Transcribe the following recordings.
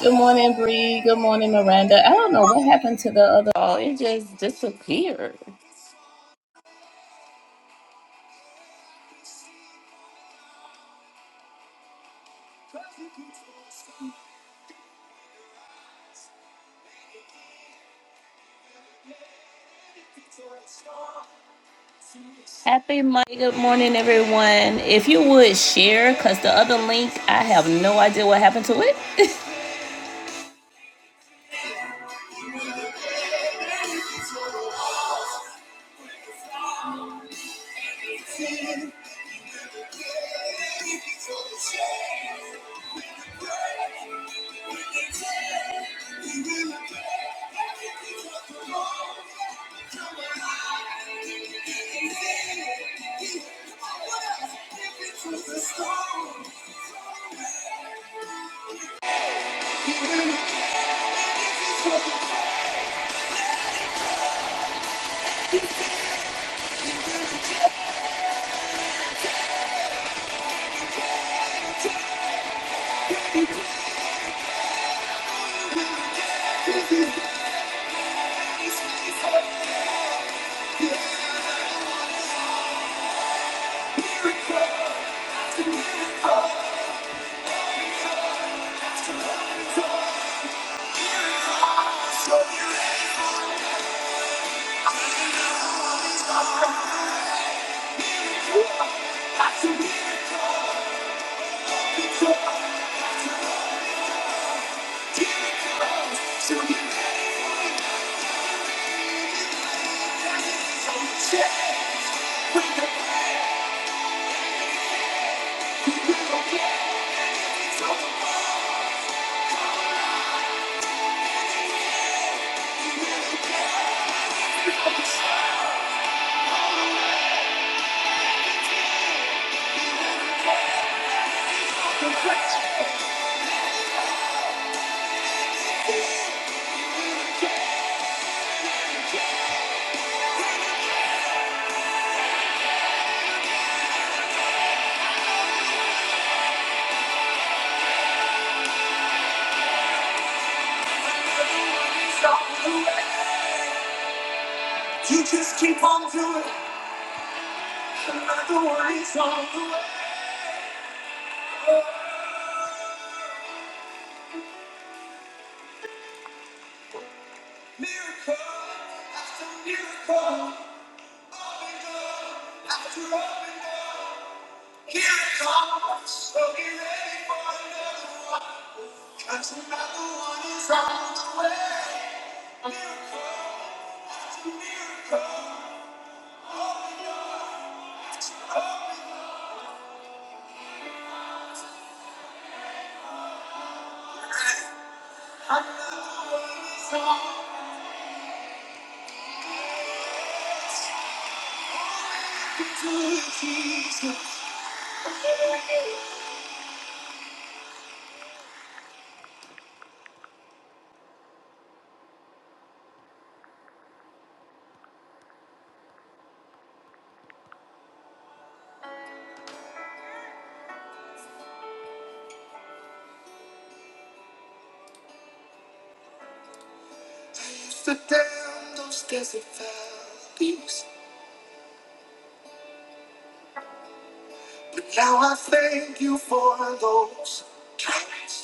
Good morning, Bree. Good morning, Miranda. I don't know what happened to the other. Oh, it just disappeared. Happy Monday. Good morning, everyone. If you would share, because the other link, I have no idea what happened to it. You just keep on doing it. The worries on the way. Miracle after miracle. Open door after open door. Here it comes, so be ready for Another 'Cause another. one one is is on on on the the the the way. way. way. Miracle miracle, Miracle miracle, after after after open open open open it all, so ready for Jesus. used to damn those desert valleys. But now I thank you for those trials.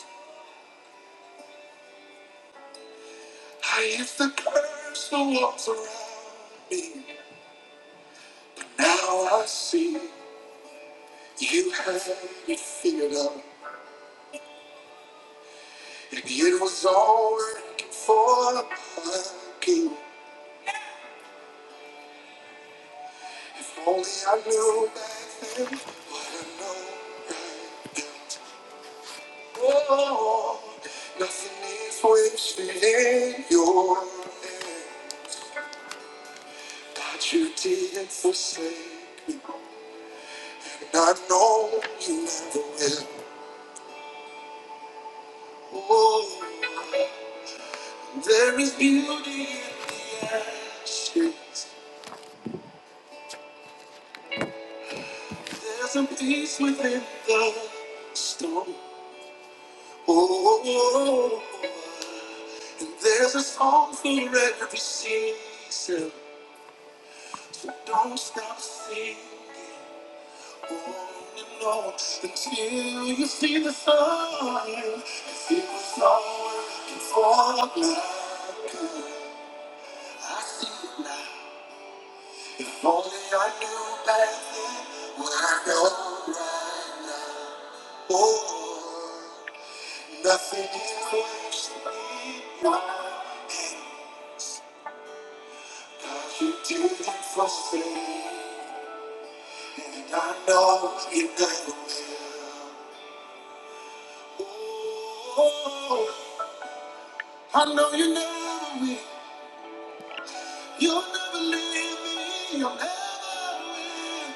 I used to curse the walls around me. But now I see you had it figured out. And it was all working for my good. If only I knew back then what I know right now. Oh, nothing is wasted in your hand. But you didn't forsake me. And I know you never will. Oh, there is beauty in the ashes. There's a peace within the storm. Oh, and there's a song for every season. So don't stop singing. No, until you see the sun, you see the sun working for the good. I see it now. If only I knew back then what I know right now. Oh, nothing is worse than my hands. God, you did it for me, and I know you never will. Oh, I know you never will. You'll never leave me. You'll never will.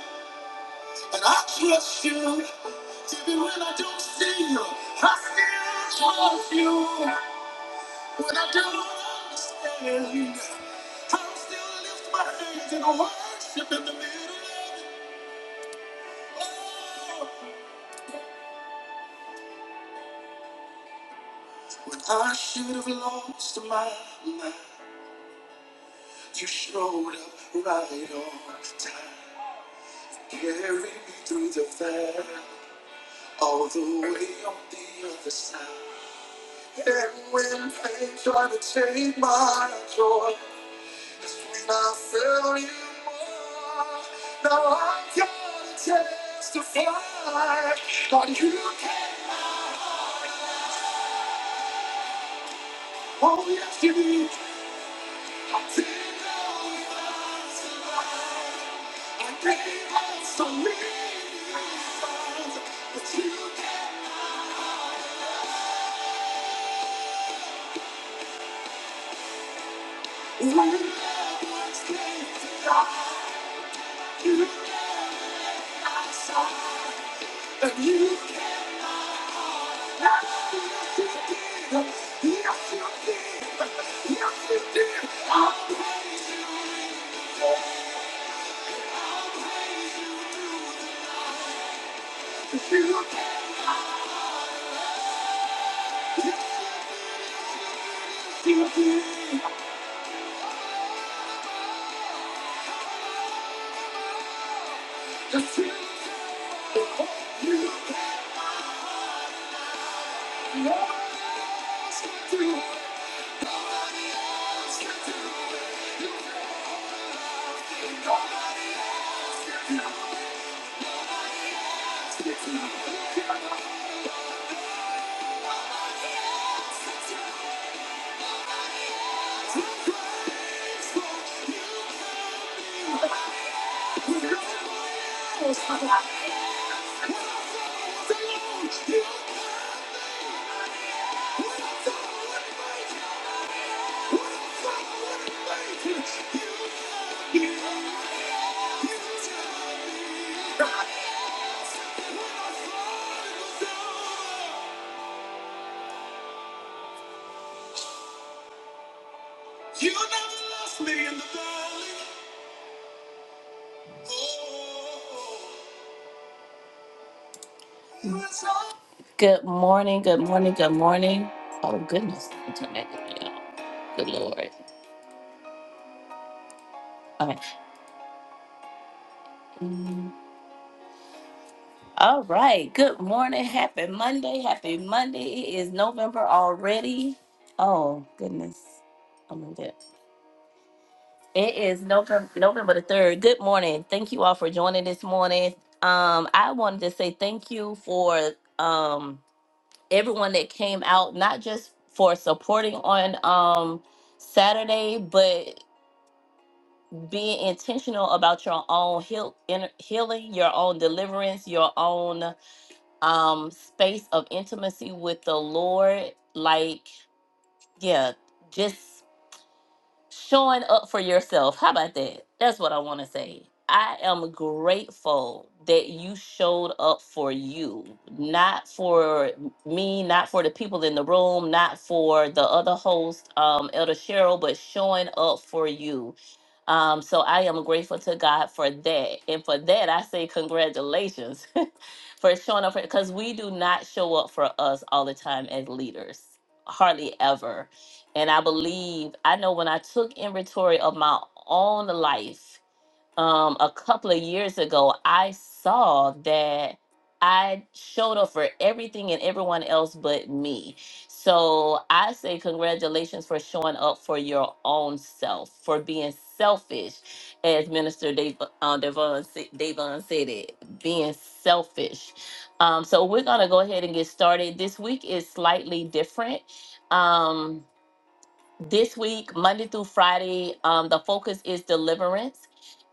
And I trust you. Even when I don't see you, I still trust you. When I don't understand, I'll still lift my hands and worship in the middle of it. Oh, when I should have lost my mind, you showed up right on time. Carry me through the fire, all the way on the other side. And when pain tried to take my joy, that's when I felt you more. Now I gotta testify that you came out. Oh yes, you did. I didn't know it was alive. I gave up so many times, but you came. out. You Nobody else can Thank you. You never lost me in the valley. Good morning, good morning, good morning. Oh goodness, I turned that down, you Good lord. Okay. Mm, All right. Good morning. Happy Monday. Happy Monday. It is November already. Oh goodness. I moved it. It is November November the third. Good morning. Thank you all for joining this morning. Um, I wanted to say thank you for um everyone that came out, not just for supporting on um, Saturday, but being intentional about your own heal, inner healing, your own deliverance, your own um, space of intimacy with the Lord. Like, yeah, just showing up for yourself. How about that? That's what I want to say. I am grateful that you showed up for you, not for me, not for the people in the room, not for the other host, um, Elder Cheryl, but showing up for you. Um, so I am grateful to God for that. And for that, I say congratulations for showing up for because we do not show up for us all the time as leaders, hardly ever and I believe I know when I took inventory of my own life um a couple of years ago, I saw that I showed up for everything and everyone else but me. So I say congratulations for showing up for your own self, for being selfish, as Minister Dave, uh, Devon, sa- Davon said it, being selfish. Um, so we're gonna go ahead and get started. This week is slightly different. Um, this week, Monday through Friday, um, the focus is deliverance.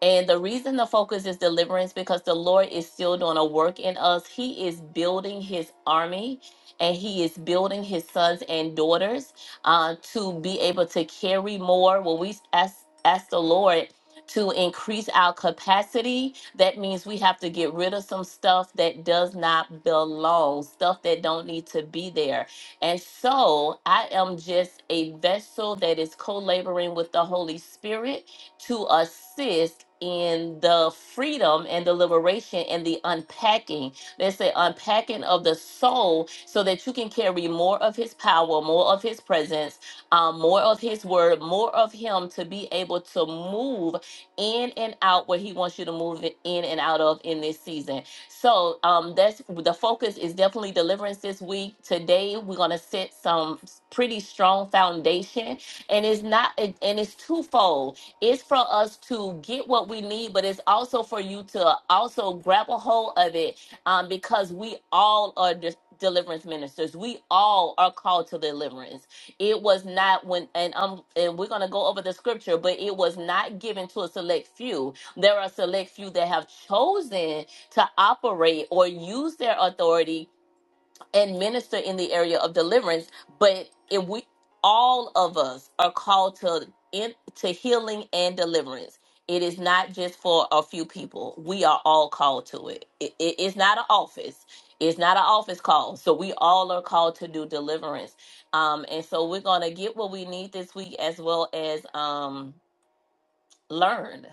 And the reason the focus is deliverance because the Lord is still doing a work in us. He is building his army and he is building his sons and daughters uh, to be able to carry more. When we ask, ask the Lord to increase our capacity, that means we have to get rid of some stuff that does not belong, stuff that don't need to be there and so I am just a vessel that is co laboring with the Holy Spirit to assist in the freedom and the liberation and the unpacking. Let's say unpacking of the soul so that you can carry more of his power, more of his presence, um, more of his word, more of him to be able to move in and out where he wants you to move in and out of in this season. So um, that's the focus is definitely deliverance this week. Today we're gonna set some pretty strong foundation, and it's not it- and it's twofold. It's for us to get what we need, but it's also for you to also grab a hold of it um, because we all are. dis deliverance ministers we all are called to deliverance it was not when and um and we're gonna go over the scripture but it was not given to a select few there are select few that have chosen to operate or use their authority and minister in the area of deliverance but if we all of us are called to in, to healing and deliverance it is not just for a few people we are all called to it. it, it it's not an office it's not an office call so we all are called to do deliverance um and so we're gonna get what we need this week as well as um learn,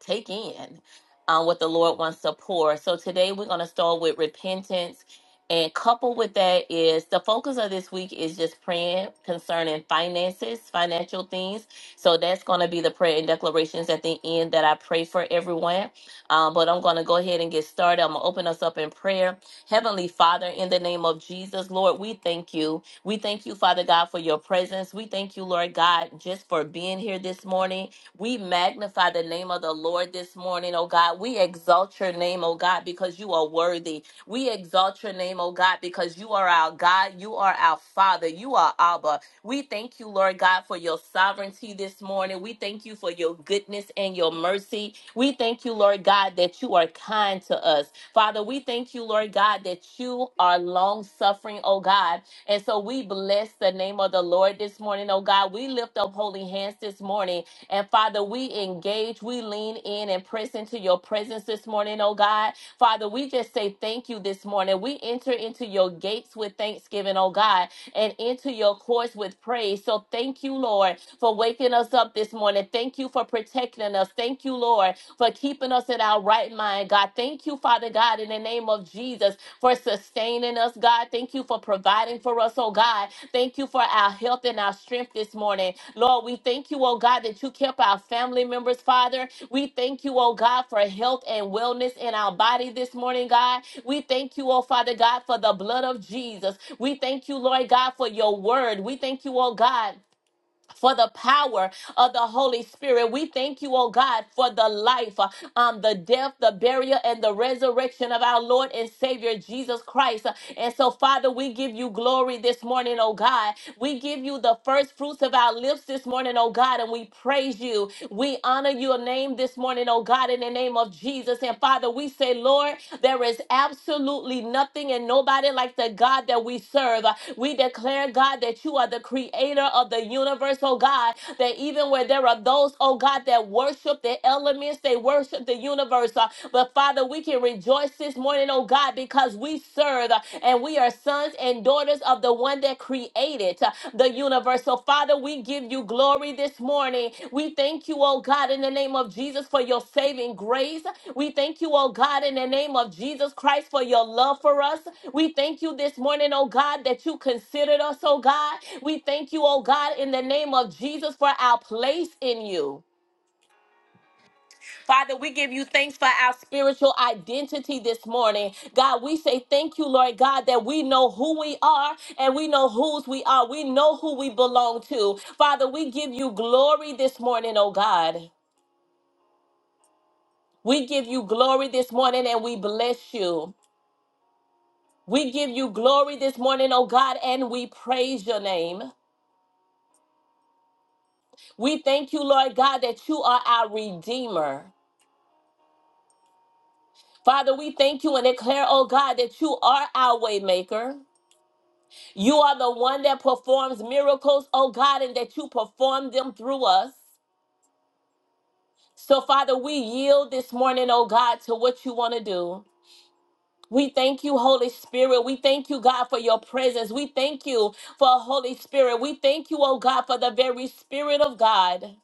take in um, what the Lord wants to pour. So today we're going to start with repentance. And coupled with that is the focus of this week is just praying concerning finances, financial things. So that's going to be the prayer and declarations at the end that I pray for everyone. Um, but I'm going to go ahead and get started. I'm going to open us up in prayer. Heavenly Father, in the name of Jesus, Lord, we thank you. We thank you, Father God, for your presence. We thank you, Lord God, just for being here this morning. We magnify the name of the Lord this morning, oh God. We exalt your name, oh God, because you are worthy. We exalt your name, oh God, because you are our God. You are our Father. You are Abba. We thank you, Lord God, for your sovereignty this morning. We thank you for your goodness and your mercy. We thank you, Lord God, that you are kind to us. Father, we thank you, Lord God, that you are long suffering, oh God. And so we bless the name of the Lord this morning, oh God. We lift up holy hands this morning and Father, we engage, we lean in and press into your presence this morning, oh God. Father, we just say thank you this morning. We enter into your gates with thanksgiving, oh God, and into your courts with praise. So thank you, Lord, for waking us up this morning. Thank you for protecting us. Thank you, Lord, for keeping us in our right mind, God. Thank you, Father God, in the name of Jesus, for sustaining us, God. Thank you for providing for us, oh God. Thank you for our health and our strength this morning. Lord, we thank you, oh God, that you kept our family members, Father. We thank you, oh God, for health and wellness in our body this morning, God. We thank you, oh Father God, for the blood of Jesus. We thank you, Lord God, for your word. We thank you, oh God. For the power of the Holy Spirit. We thank you, oh God, for the life, uh, um, the death, the burial, and the resurrection of our Lord and Savior Jesus Christ. Uh, And so, Father, we give you glory this morning, oh God. We give you the first fruits of our lips this morning, oh God, and we praise you. We honor your name this morning, oh God, in the name of Jesus. And Father, we say, Lord, there is absolutely nothing and nobody like the God that we serve. We declare, God, that you are the creator of the universe, oh God, that even where there are there are those, oh God, that worship the elements, they worship the universe. uh, but Father, we can rejoice this morning, oh God, because we serve uh, and we are sons and daughters of the one that created uh, the universe. So, Father, we give you glory this morning. We thank you, oh God, in the name of Jesus for your saving grace. We thank you, oh God, in the name of Jesus Christ for your love for us. We thank you this morning, oh God, that you considered us, oh God. We thank you, oh God, in the name of Jesus for our place in you. Father, we give you thanks for our spiritual identity this morning. God, we say thank you, Lord God, that we know who we are and we know whose we are. We know who we belong to. Father, we give you glory this morning, oh God. We give you glory this morning and we bless you. We give you glory this morning, oh God, and we praise your name. We thank you, Lord God, that you are our Redeemer. Father, we thank you and declare, oh God, that you are our waymaker. You are the one that performs miracles, oh God, and that you perform them through us. So, Father, we yield this morning, oh God, to what you want to do. We thank you, Holy Spirit. We thank you, God, for your presence. We thank you for Holy Spirit. We thank you, oh God, for the very Spirit of God.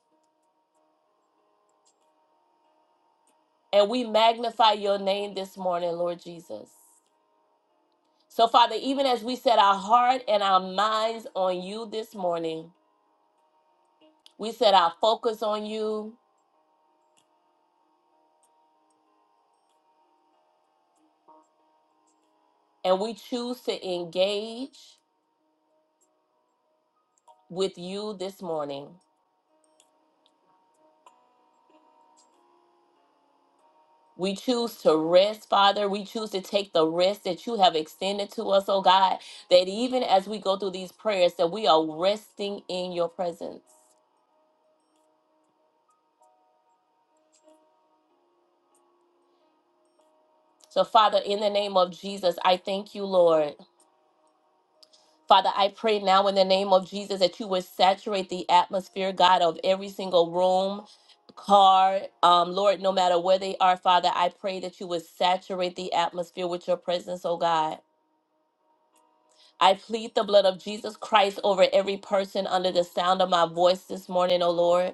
And we magnify your name this morning, Lord Jesus. So, Father, even as we set our heart and our minds on you this morning, we set our focus on you and we choose to engage with you this morning. We choose to rest, Father. We choose to take the rest that you have extended to us, oh God, that even as we go through these prayers, that we are resting in your presence. So, Father, in the name of Jesus, I thank you, Lord. Father, I pray now in the name of Jesus that you would saturate the atmosphere, God, of every single room, car, um, Lord, no matter where they are, Father, I pray that you would saturate the atmosphere with your presence, oh God. I plead the blood of Jesus Christ over every person under the sound of my voice this morning, oh Lord.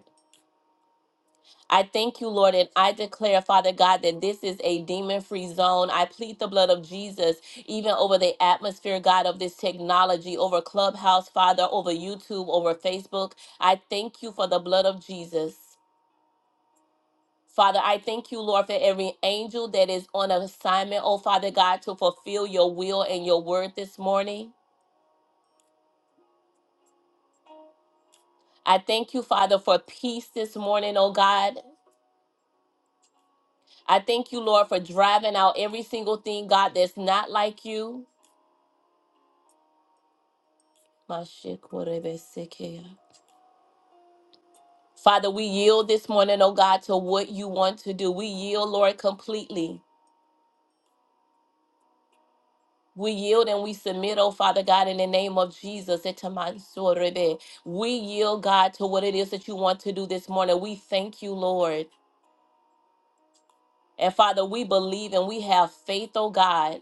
I thank you, Lord, and I declare, Father God, that this is a demon free zone. I plead the blood of Jesus even over the atmosphere, God, of this technology, over Clubhouse, Father, over YouTube, over Facebook. I thank you for the blood of Jesus. Father, I thank you, Lord, for every angel that is on assignment, oh Father God, to fulfill your will and your word this morning. I thank you, Father, for peace this morning, oh God. I thank you, Lord, for driving out every single thing, God, that's not like you. Mashikorebesekeya. Father, we yield this morning, oh God, to what you want to do. We yield, Lord, completely. We yield and we submit, oh Father God, in the name of Jesus. Etamansorebe. We yield, God, to what it is that you want to do this morning. We thank you, Lord. And Father, we believe and we have faith, oh God.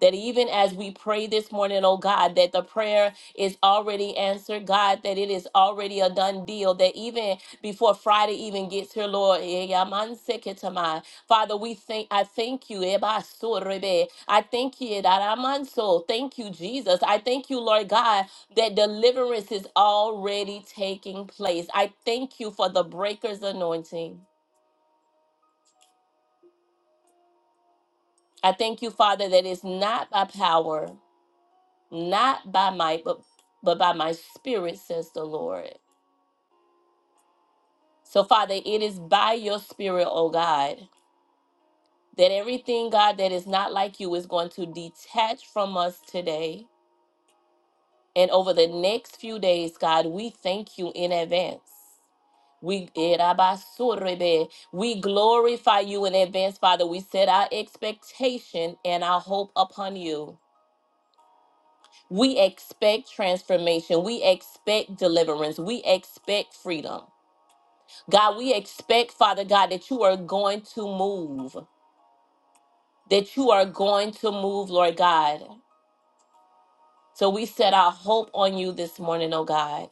that even as we pray this morning, oh God, that the prayer is already answered, God, that it is already a done deal, that even before Friday even gets here, Lord, eh, yamanseketama. Father, we thank I thank you. ebasorebe. I thank you. daramanso. Thank you, Jesus. I thank you, Lord God, that deliverance is already taking place. I thank you for the breaker's anointing. I thank you, Father, that it's not by power. not by might, but but by my spirit, says the Lord. So, Father, it is by your spirit, oh God, that everything, God, that is not like you is going to detach from us today. And over the next few days, God, we thank you in advance. We Erabasurebe. we glorify you in advance, Father. We set our expectation and our hope upon you. We expect transformation. We expect deliverance. We expect freedom. God, we expect, Father God, that you are going to move, that you are going to move, Lord God. So we set our hope on you this morning, oh God.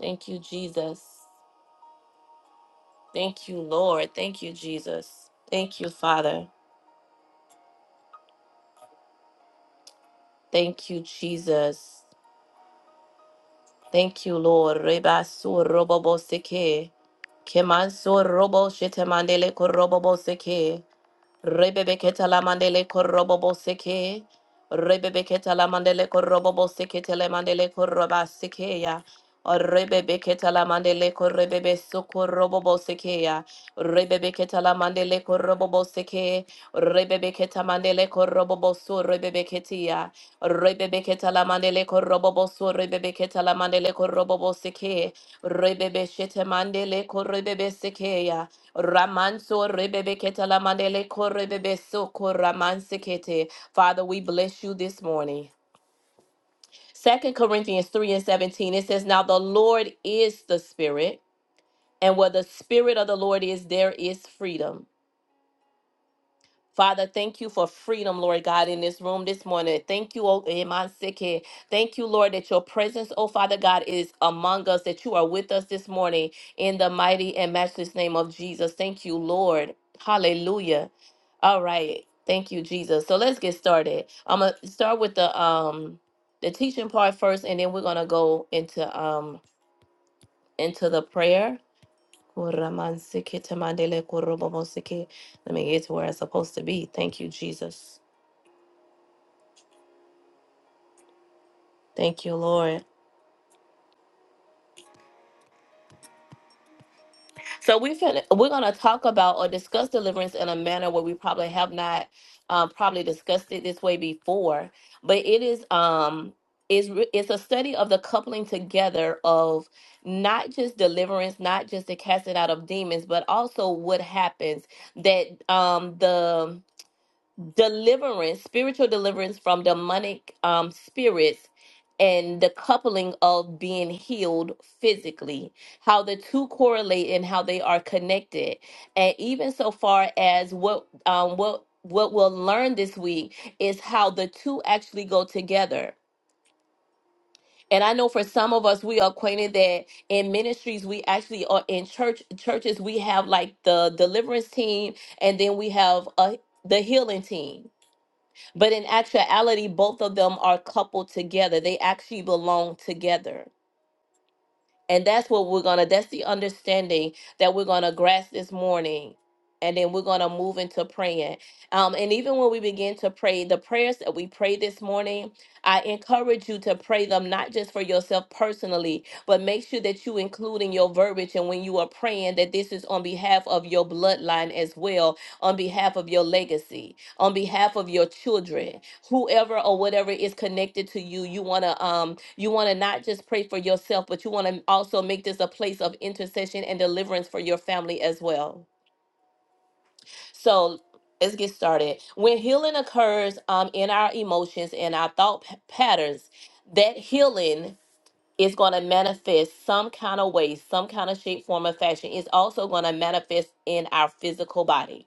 Thank you, Jesus. Thank you, Lord. Thank you, Jesus. Thank you, Father. Thank you, Jesus. Thank you, Lord. Reba su robo bo seke. Keman su robo shetemandele ko robo bo seke. Rebebeketa la mandele korobobo seke. Rebebeketa la mandele korobobo seke tele mandele koroba seke ya. Rebebeketa la mandele korebebe sokorobobo seke ya. Rebebeketa la mandele korobobo seke. Rebebeketa mandele korobobo so rebebeketi ya. Rebebeketa la mandele korobobo so rebebeketa la mandele korobobo seke. Rebebe shete mandele korebebe seke ya. Ramanso rebebe ketala mandele korebebe soko ramansekete. Father, we bless you this morning. Second Corinthians 3 and 17, it says, Now the Lord is the Spirit, and where the Spirit of the Lord is, there is freedom. Father, thank you for freedom, Lord God, in this room this morning. Thank you, oh, Emanseke. Thank you, Lord, that your presence, oh Father God, is among us, that you are with us this morning in the mighty and matchless name of Jesus. Thank you, Lord. Hallelujah. All right. Thank you, Jesus. So let's get started. I'm gonna start with the um the teaching part first, and then we're gonna go into um into the prayer. Kuramansiketamandele kurobobosike. Let me get to where it's supposed to be. Thank you, Jesus. Thank you, Lord. So we fin- we're gonna talk about or discuss deliverance in a manner where we probably have not um, probably discussed it this way before, but it is um is re- it's a study of the coupling together of not just deliverance, not just the casting out of demons, but also what happens that um the deliverance, spiritual deliverance from demonic um, spirits, and the coupling of being healed physically, how the two correlate and how they are connected, and even so far as what um, what what we'll learn this week is how the two actually go together. And I know for some of us, we are acquainted that in ministries, we actually are in church churches. We have like the deliverance team, and then we have a, the healing team but in actuality, both of them are coupled together. They actually belong together. And that's what we're going to, that's the understanding that we're going to grasp this morning. And then we're going to move into praying. Um, and even when we begin to pray, the prayers that we pray this morning, I encourage you to pray them not just for yourself personally, but make sure that you include in your verbiage and when you are praying that this is on behalf of your bloodline as well, on behalf of your legacy, on behalf of your children whoever or whatever is connected to you you want to um you want to not just pray for yourself but you want to also make this a place of intercession and deliverance for your family as well so let's get started when healing occurs um in our emotions and our thought p- patterns that healing is going to manifest some kind of way some kind of shape form or fashion it's also going to manifest in our physical body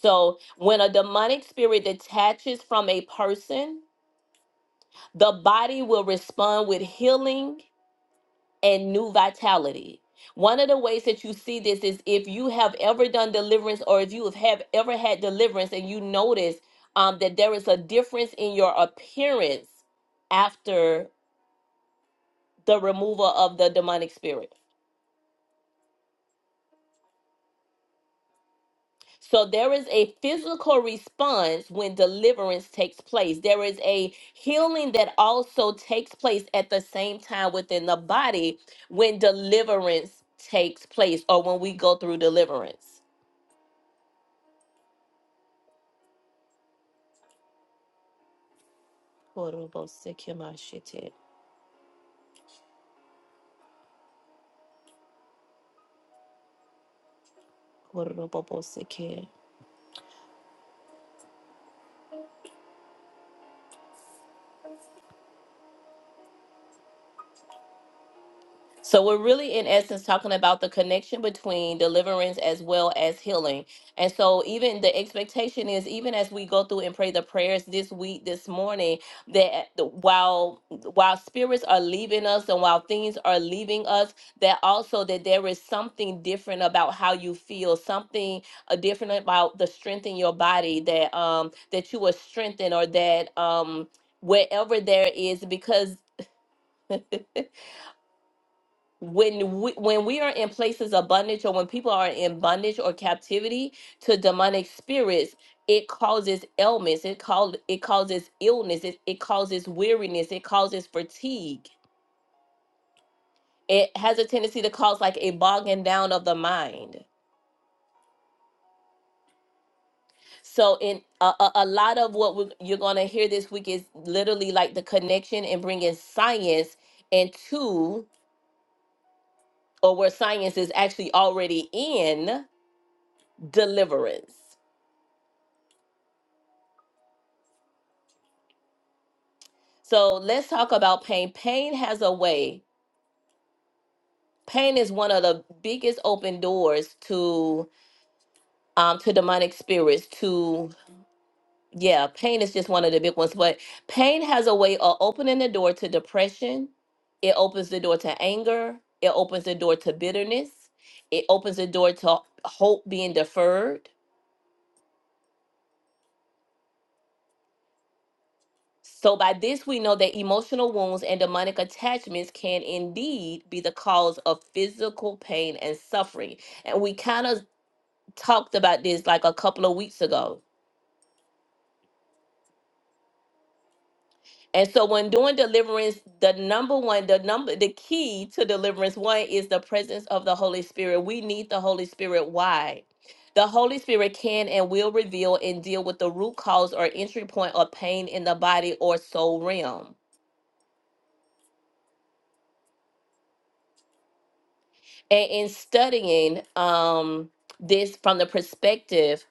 so when a demonic spirit detaches from a person the body will respond with healing and new vitality. One of the ways that you see this is if you have ever done deliverance or if you have have ever had deliverance and you notice um, that there is a difference in your appearance after the removal of the demonic spirit So there is a physical response when deliverance takes place. There is a healing that also takes place at the same time within the body when deliverance takes place or when we go through deliverance. So we're really in essence talking about the connection between deliverance as well as healing. And so even the expectation is even as we go through and pray the prayers this week this morning that the- while while spirits are leaving us and while things are leaving us that also that there is something different about how you feel, something uh, different about the strength in your body that um that you were strengthened or that um wherever there is because when we when we are in places of bondage or when people are in bondage or captivity to demonic spirits it causes ailments it called it causes illness it, it causes weariness it causes fatigue it has a tendency to cause like a bogging down of the mind so in a, a, a lot of what we you're going to hear this week is literally like the connection and bringing science into or where science is actually already in deliverance So let's talk about pain. Pain has a way. Pain is one of the biggest open doors to um to demonic spirits. To yeah, pain is just one of the big ones. But pain has a way of opening the door to depression. It opens the door to anger. It opens the door to bitterness. It opens the door to hope being deferred. So by this we know that emotional wounds and demonic attachments can indeed be the cause of physical pain and suffering and we kind of talked about this like a couple of weeks ago. And so when doing deliverance, the number one, the number the key to deliverance one is the presence of the Holy Spirit. We need the Holy Spirit. Why? The Holy Spirit can and will reveal and deal with the root cause or entry point of pain in the body or soul realm. and in studying um, this from the perspective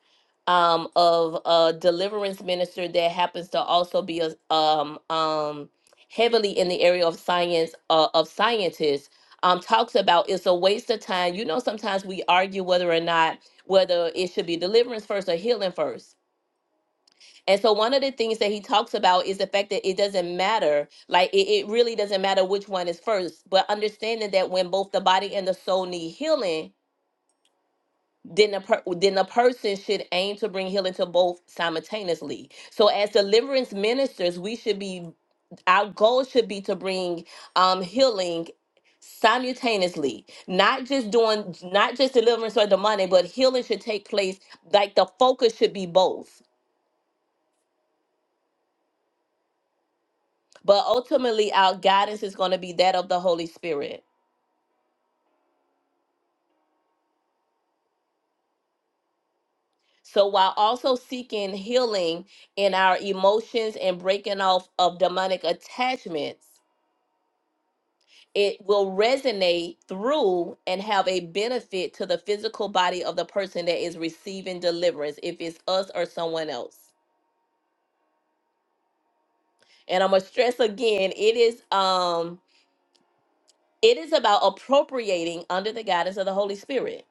um, of a deliverance minister that happens to also be a, um, um, heavily in the area of science uh, of scientists, um, talks about it's a waste of time. You know, sometimes we argue whether or not whether it should be deliverance first or healing first. And so one of the things that he talks about is the fact that it doesn't matter, like it, it really doesn't matter which one is first, but understanding that when both the body and the soul need healing, then a per- then a person should aim to bring healing to both simultaneously. So as deliverance ministers, we should be our goal should be to bring um healing simultaneously not just doing not just deliverance or the money but healing should take place like the focus should be both but ultimately our guidance is going to be that of the holy spirit so while also seeking healing in our emotions and breaking off of demonic attachments it will resonate through and have a benefit to the physical body of the person that is receiving deliverance if it's us or someone else and i'm gonna stress again it is um it is about appropriating under the guidance of the holy spirit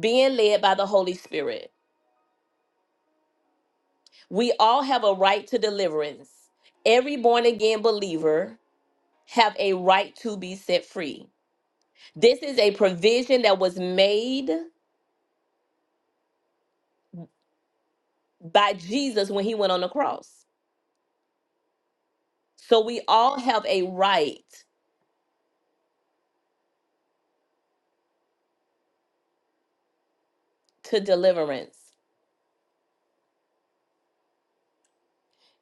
being led by the holy spirit we all have a right to deliverance every born again believer have a right to be set free this is a provision that was made by jesus when he went on the cross So we all have a right to deliverance.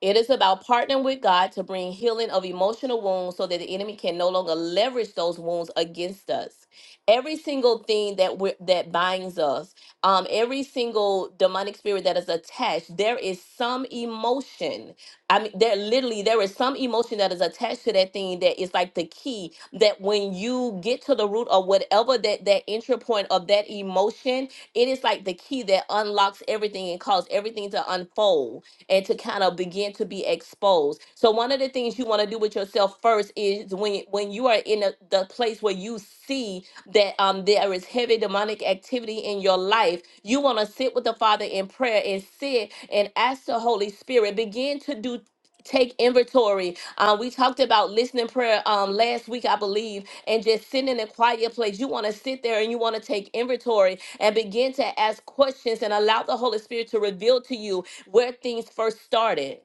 It is about partnering with God to bring healing of emotional wounds so that the enemy can no longer leverage those wounds against us. Every single thing that we that binds us, um, every single demonic spirit that is attached, there is some emotion. I mean, there literally there is some emotion that is attached to that thing that is like the key that when you get to the root of whatever that that entry point of that emotion, it is like the key that unlocks everything and causes everything to unfold and to kind of begin to be exposed. So one of the things you want to do with yourself first is when when you are in a, the place where you see that um there is heavy demonic activity in your life, you want to sit with the Father in prayer and sit and ask the Holy Spirit begin to do take inventory uh, we talked about listening prayer um, last week i believe and just sitting in a quiet place you want to sit there and you want to take inventory and begin to ask questions and allow the holy spirit to reveal to you where things first started.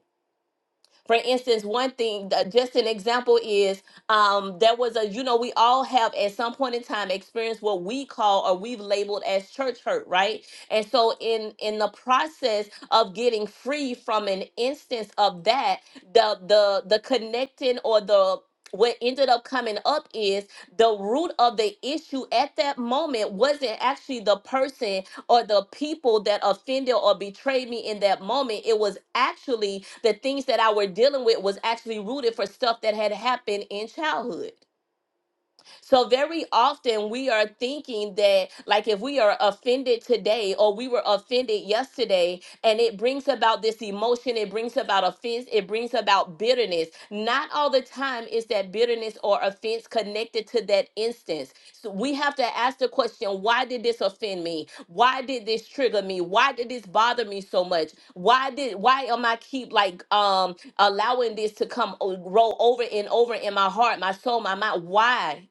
For instance, one thing, uh, just an example is um, there was a, you know, we all have at some point in time experienced what we call or we've labeled as church hurt, right? And so, in in the process of getting free from an instance of that, the the the connecting or the what ended up coming up is the root of the issue at that moment wasn't actually the person or the people that offended or betrayed me in that moment. It was actually the things that I were dealing with was actually rooted for stuff that had happened in childhood. So very often we are thinking that like if we are offended today or we were offended yesterday and it brings about this emotion, it brings about offense, it brings about bitterness. Not all the time is that bitterness or offense connected to that instance. So we have to ask the question, why did this offend me? Why did this trigger me? Why did this bother me so much? Why did why am I keep like um allowing this to come o- roll over and over in my heart, my soul, my mind? Why?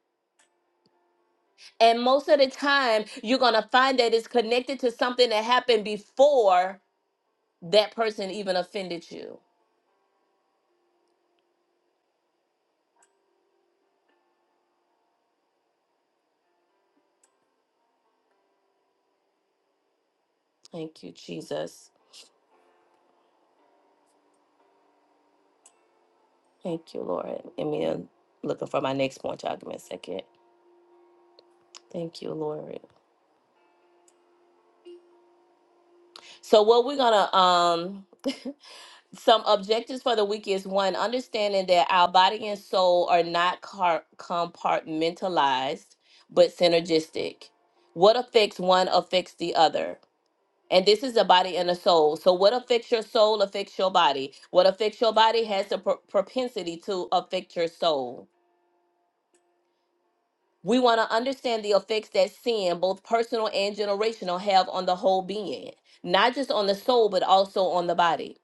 And most of the time, you're going to find that it's connected to something that happened before that person even offended you. Thank you, Jesus. Thank you, Lord. And me I'm looking for my next point. Y'all give me a second. Thank you, Lord. So what we're gonna um some objectives for the week is one, understanding that our body and soul are not car- compartmentalized but synergistic. What affects one affects the other And this is a body and a soul. So, what affects your soul affects your body. What affects your body has a pro- propensity to affect your soul. We want to understand the effects that sin, both personal and generational, have on the whole being, not just on the soul, but also on the body.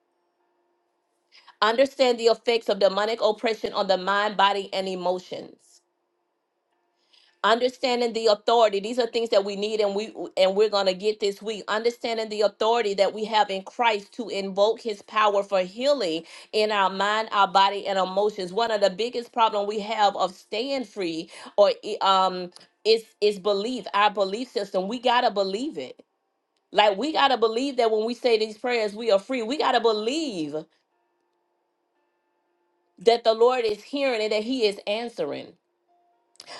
Understand the effects of demonic oppression on the mind, body, and emotions. understanding the authority these are things that we need and we and we're going to get this week understanding the authority that we have in christ to invoke his power for healing in our mind our body and emotions one of the biggest problem we have of staying free or eh, um is is belief our belief system we gotta believe it like we gotta believe that when we say these prayers we are free we gotta believe that the lord is hearing and that he is answering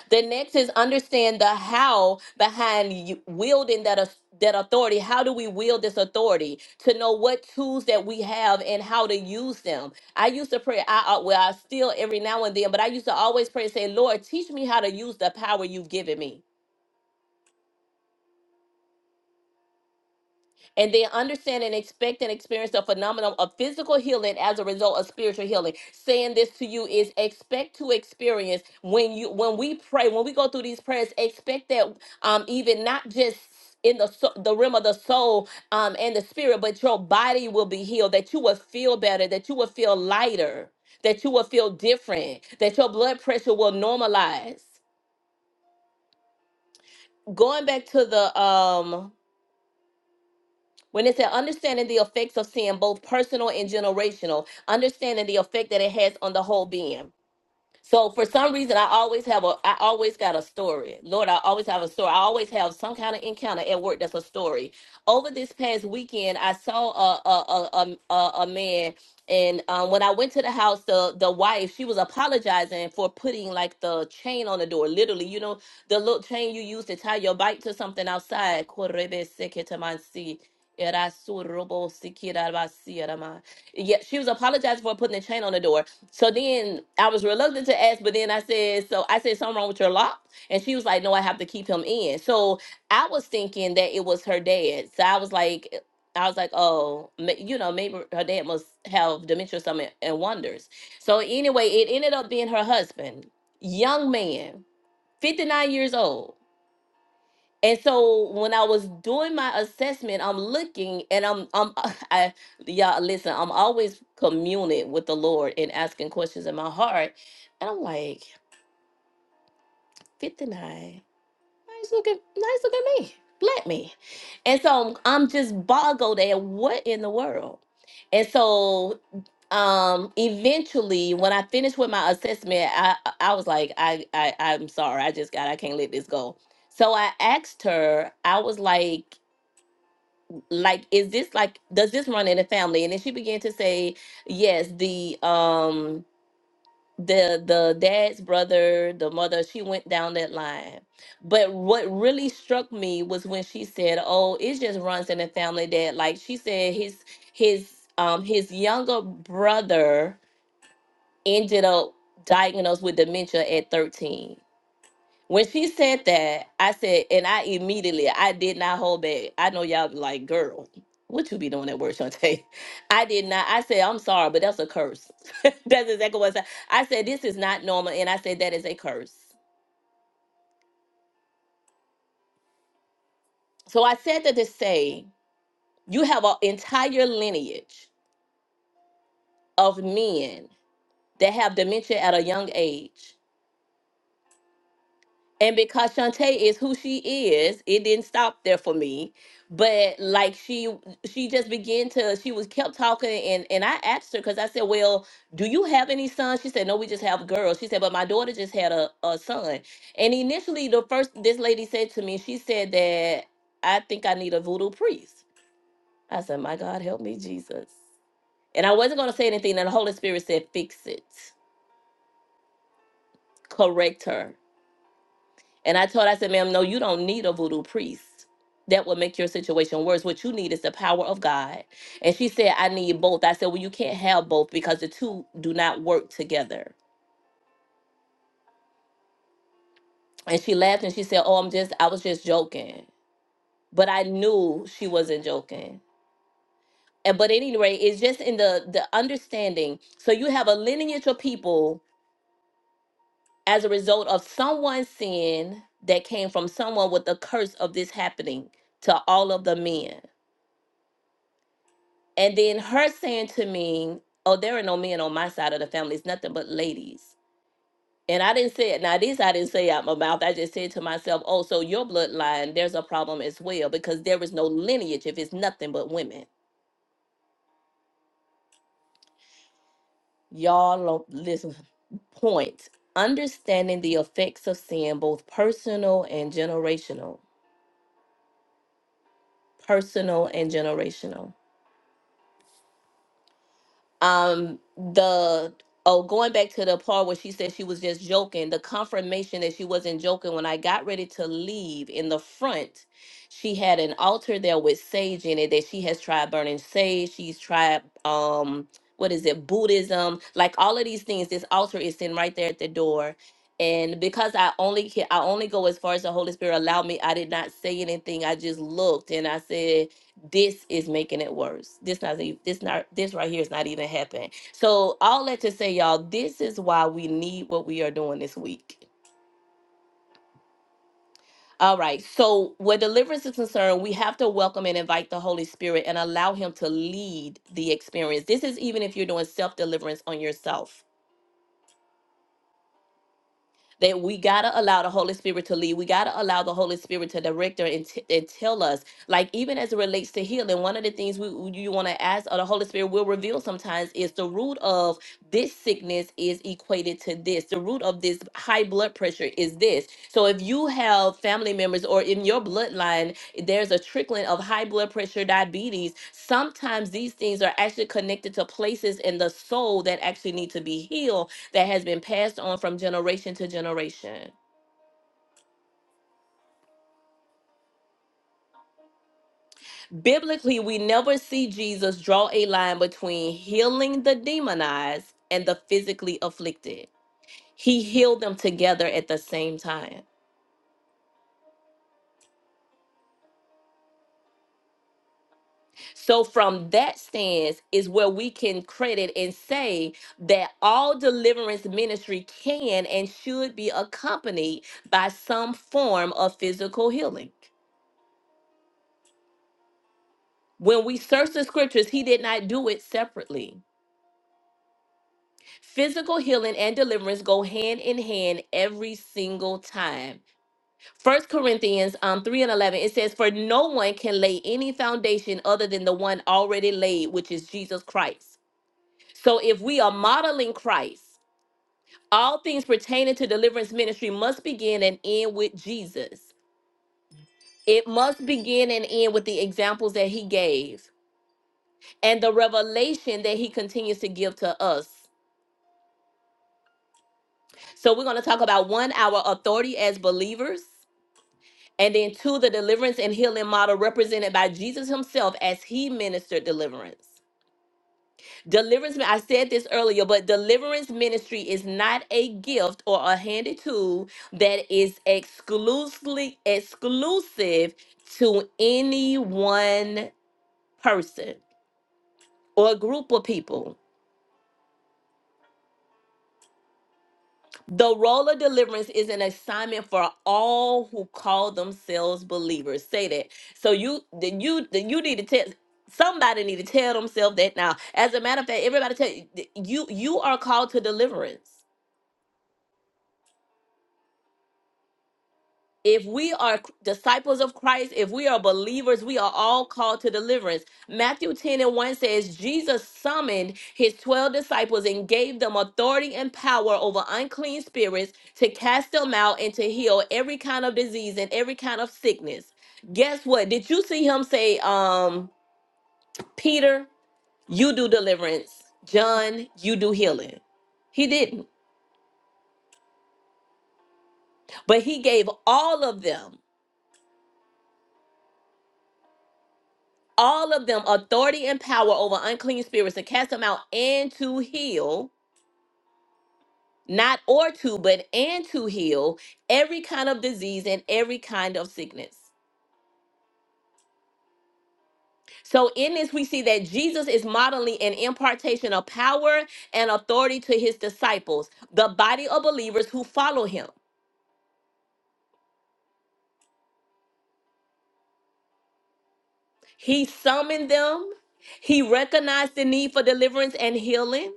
The next is understand the how behind you wielding that au- that authority. How do we wield this authority? To know what tools that we have and how to use them. I used to pray. I I- well, I still every now and then, but I used to always pray and say, "Lord, teach me how to use the power you've given me." and then understand and expect and experience the phenomenon of physical healing as a result of spiritual healing saying this to you is expect to experience when you when we pray when we go through these prayers expect that um even not just in the so- the realm of the soul um and the spirit but your body will be healed that you will feel better that you will feel lighter that you will feel different that your blood pressure will normalize going back to the um When it said understanding the effects of sin, both personal and generational, understanding the effect that it has on the whole being. So for some reason, I always have a, I always got a story. Lord, I always have a story. I always have some kind of encounter at work that's a story. Over this past weekend, I saw a a a a, a man, and um, when I went to the house, the the wife she was apologizing for putting like the chain on the door. Literally, you know, the little chain you use to tie your bike to something outside. Korebe seketamansi, erasorobo sikirabasi, erama. Yeah, she was apologizing for putting the chain on the door. So then I was reluctant to ask, but then I said, so I said something wrong with your lock. And she was like, no, I have to keep him in. So I was thinking that it was her dad. So I was like, I was like, oh, ma- you know, maybe her dad must have dementia or something and wonders. So anyway, it ended up being her husband, young man, 59 years old. And so when I was doing my assessment, I'm looking and I'm I'm I y'all listen, I'm always communing with the Lord and asking questions in my heart. And I'm like, 59, nice looking, nice looking me, black me. And so I'm just boggled at what in the world. And so um eventually when I finished with my assessment, I I I was like, I, I I'm sorry, I just got I can't let this go. So I asked her, I was like, like is this like does this run in the family and then she began to say yes the um the the dad's brother the mother she went down that line but what really struck me was when she said oh it just runs in the family that like she said his his um his younger brother ended up diagnosed with dementia at 13 when she said that, I said, and I immediately, I did not hold back. I know y'all be like, girl, what you be doing at work, Shantae? I did not. I said, I'm sorry, but that's a curse. that's exactly what I said. I said, this is not normal. And I said, that is a curse. So I said that to say, you have an entire lineage of men that have dementia at a young age And because Shantae is who she is, it didn't stop there for me. But like she she just began to she was kept talking and and I asked her because I said, Well, do you have any sons? She said, No, we just have girls. She said, But my daughter just had a, a son. And initially the first this lady said to me, she said that I think I need a voodoo priest. I said, My God, help me, Jesus. And I wasn't gonna say anything, and the Holy Spirit said, Fix it, correct her. And I told her, I said, ma'am, no, you don't need a voodoo priest. That will make your situation worse. What you need is the power of God. And she said, I need both. I said, Well, you can't have both because the two do not work together. And she laughed and she said, Oh, I'm just, I was just joking. But I knew she wasn't joking. And but anyway, it's just in the the understanding. So you have a lineage of people as a result of someone's sin that came from someone with the curse of this happening to all of the men. And then her saying to me, Oh, there are no men on my side of the family. It's nothing but ladies. And I didn't say it. Now, this I didn't say out my mouth. I just said to myself, Oh, so your bloodline, there's a problem as well because there is no lineage if it's nothing but women. Y'all, lo- listen, point. Understanding the effects of sin, both personal and generational. Personal and generational. um the oh going back to the part where she said she was just joking the confirmation that she wasn't joking when i got ready to leave in the front she had an altar there with sage in it that she has tried burning sage she's tried um what is it buddhism like all of these things this altar is sitting right there at the door and because i only ca- i only go as far as the holy spirit allowed me i did not say anything i just looked and i said this is making it worse. This not e- this not this right here is not even happening. So all that to say, y'all, this is why we need what we are doing this week. All right. So where deliverance is concerned, we have to welcome and invite the Holy Spirit and allow Him to lead the experience. This is even if you're doing self deliverance on yourself that we got to allow the Holy Spirit to lead. We got to allow the Holy Spirit to direct her and, t- and tell us. Like, even as it relates to healing, one of the things we we- you want to ask or the Holy Spirit will reveal sometimes is the root of this sickness is equated to this. The root of this high blood pressure is this. So, if you have family members or in your bloodline, there's a trickling of high blood pressure, diabetes, sometimes these things are actually connected to places in the soul that actually need to be healed that has been passed on from generation to generation. Biblically, we never see Jesus draw a line between healing the demonized and the physically afflicted. He healed them together at the same time. So, from that stance, is where we can credit and say that all deliverance ministry can and should be accompanied by some form of physical healing. When we search the scriptures, he did not do it separately. Physical healing and deliverance go hand in hand every single time. First Corinthians um, 3 and 11, it says, For no one can lay any foundation other than the one already laid, which is Jesus Christ. So if we are modeling Christ, all things pertaining to deliverance ministry must begin and end with Jesus. It must begin and end with the examples that he gave and the revelation that he continues to give to us. So we're going to talk about one, our authority as believers. And then two, the deliverance and healing model represented by Jesus himself as he ministered deliverance. Deliverance, I said this earlier, but deliverance ministry is not a gift or a handy tool that is exclusively exclusive to any one person or group of people. The role of deliverance is an assignment for all who call themselves believers. Say that. So you then you then you need to tell somebody need to tell themselves that now. As a matter of fact, everybody tell you you you are called to deliverance. If we are c- disciples of Christ, if we are believers, we are all called to deliverance. Matthew 10 and 1 says, Jesus summoned his 12 disciples and gave them authority and power over unclean spirits to cast them out and to heal every kind of disease and every kind of sickness. Guess what? Did you see him say, um, Peter, you do deliverance, John, you do healing? He didn't, but he gave all of them all of them authority and power over unclean spirits to cast them out and to heal, not or to, but and to heal every kind of disease and every kind of sickness. So, in this, we see that Jesus is modeling an impartation of power and authority to his disciples, the body of believers who follow him. He summoned them, he recognized the need for deliverance and healing.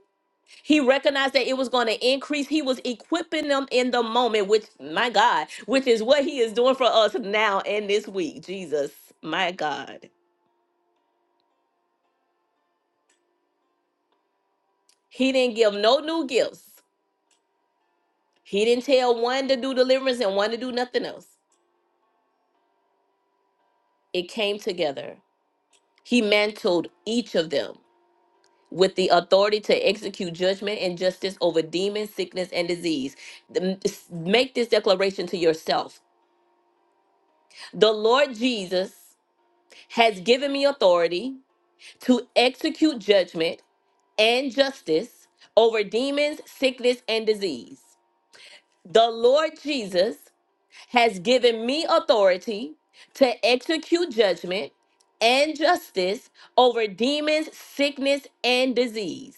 He recognized that it was going to increase. He was equipping them in the moment, which, my God, which is what he is doing for us now and this week. Jesus, my God. He didn't give no new gifts. He didn't tell one to do deliverance and one to do nothing else. It came together. He mantled each of them with the authority to execute judgment and justice over demons, sickness, and disease. The- Make this declaration to yourself The Lord Jesus has given me authority to execute judgment and justice over demons, sickness, and disease. The Lord Jesus has given me authority to execute judgment and justice over demons, sickness, and disease.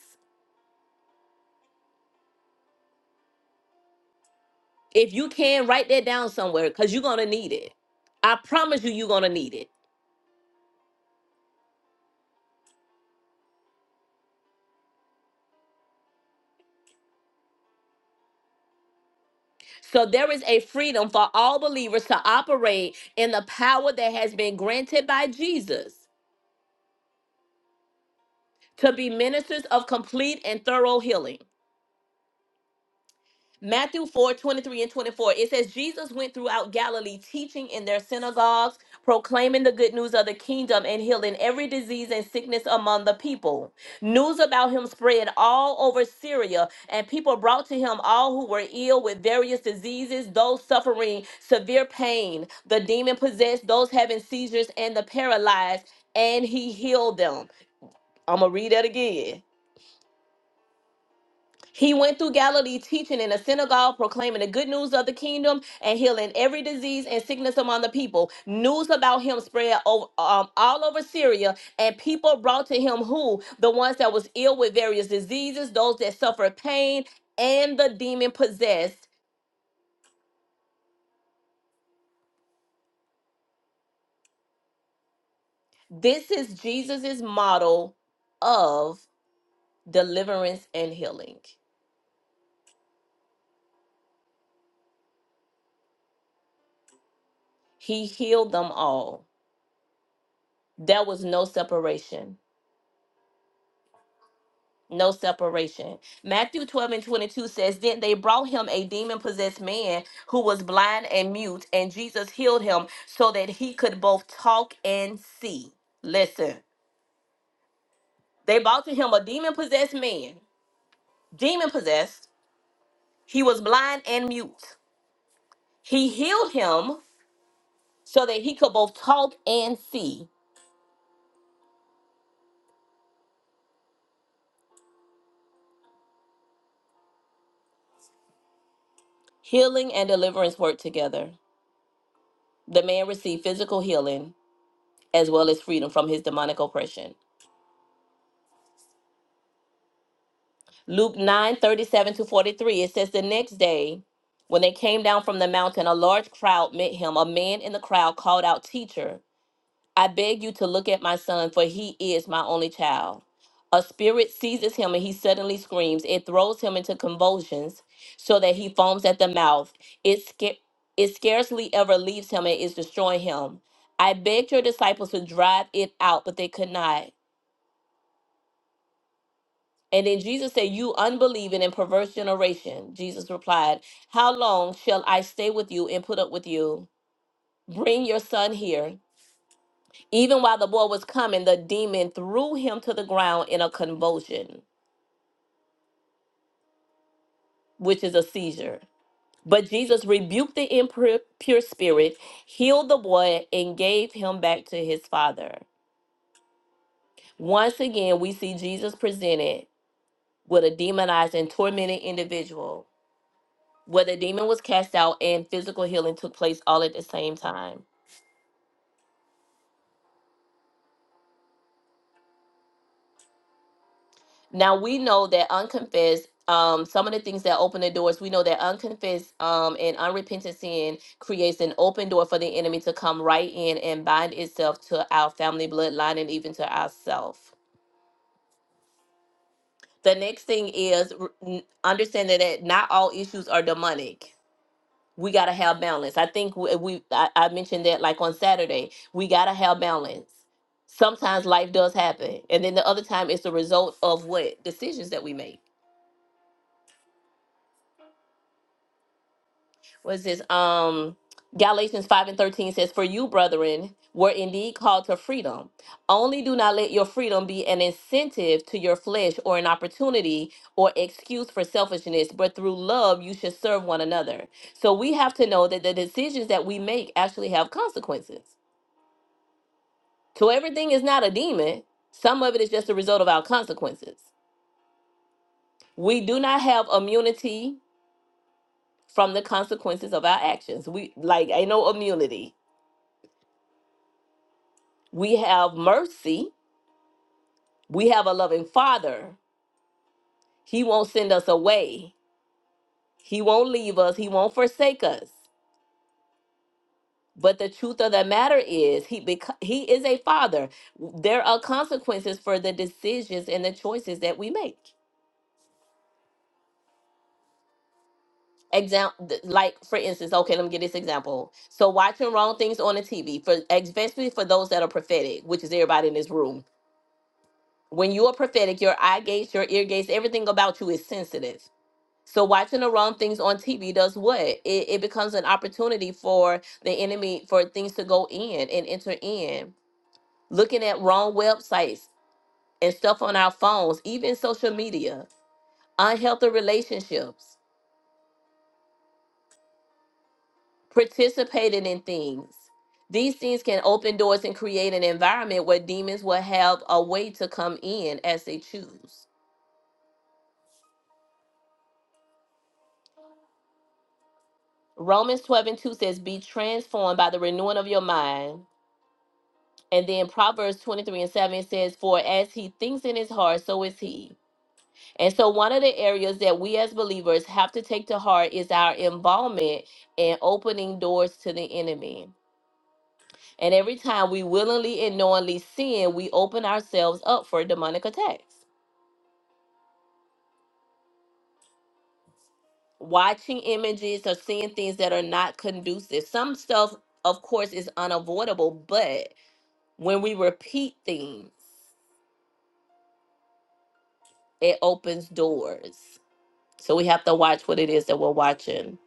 If you can, write that down somewhere because you're going to need it. I promise you, you're going to need it. So, there is a freedom for all believers to operate in the power that has been granted by Jesus to be ministers of complete and thorough healing. Matthew 4 23 and 24. It says, Jesus went throughout Galilee, teaching in their synagogues, proclaiming the good news of the kingdom, and healing every disease and sickness among the people. News about him spread all over Syria, and people brought to him all who were ill with various diseases, those suffering severe pain, the demon possessed, those having seizures, and the paralyzed, and he healed them. I'm going to read that again. He went through Galilee teaching in a synagogue, proclaiming the good news of the kingdom and healing every disease and sickness among the people. News about him spread over, um, all over Syria, and people brought to him who? The ones that was ill with various diseases, those that suffered pain, and the demon possessed. This is Jesus's model of deliverance and healing. He healed them all. There was no separation. no separation. Matthew 12 and 22 says, Then they brought him a demon possessed man who was blind and mute, and Jesus healed him so that he could both talk and see. Listen, they brought to him a demon possessed man, demon possessed. He was blind and mute. He healed him so that he could both talk and see. Healing and deliverance work together. The man received physical healing as well as freedom from his demonic oppression. Luke 9 37 to 43, it says, The next day, when they came down from the mountain, a large crowd met him. A man in the crowd called out, Teacher, I beg you to look at my son, for he is my only child. A spirit seizes him and he suddenly screams. It throws him into convulsions so that he foams at the mouth. It, sca- it scarcely ever leaves him and is destroying him. I begged your disciples to drive it out, but they could not. And then Jesus said, You unbelieving and perverse generation. Jesus replied, How long shall I stay with you and put up with you? Bring your son here. Even while the boy was coming, the demon threw him to the ground in a convulsion, which is a seizure. But Jesus rebuked the impure spirit, healed the boy, and gave him back to his father. Once again, we see Jesus presented with a demonized and tormented individual where the demon was cast out and physical healing took place all at the same time. Now we know that unconfessed, um, some of the things that open the doors, we know that unconfessed um, and unrepentant sin creates an open door for the enemy to come right in and bind itself to our family bloodline and even to ourself. The next thing is r- n- understanding that not all issues are demonic we got to have balance. I think we, we I, I mentioned that like on Saturday, we got to have balance. Sometimes life does happen, and then the other time it's the result of what decisions that we make. What is this um Galatians 5 and 13 says, For you, brethren, were indeed called to freedom. Only do not let your freedom be an incentive to your flesh or an opportunity or excuse for selfishness, but through love you should serve one another. So we have to know that the decisions that we make actually have consequences So everything is not a demon. Some of it is just a result of our consequences. We do not have immunity from the consequences of our actions. We like ain't no immunity. We have mercy. We have a loving father. He won't send us away. He won't leave us. He won't forsake us. But the truth of the matter is, he bec- he is a father. There are consequences for the decisions and the choices that we make. example like for instance okay let me get this example so watching wrong things on the tv for especially for those that are prophetic which is everybody in this room when you are prophetic your eye gates your ear gates everything about you is sensitive so watching the wrong things on tv does what it, it becomes an opportunity for the enemy for things to go in and enter in looking at wrong websites and stuff on our phones even social media unhealthy relationships participating in things. These things can open doors and create an environment where demons will have a way to come in as they choose. Romans 12 and 2 says, Be transformed by the renewing of your mind. And then Proverbs 23 and 7 says, For as he thinks in his heart, so is he. And so, one of the areas that we as believers have to take to heart is our involvement in opening doors to the enemy. And every time we willingly and knowingly sin, we open ourselves up for demonic attacks. watching images or seeing things that are not conducive. Some stuff, of course, is unavoidable, but when we repeat things, it opens doors. So we have to watch what it is that we're watching.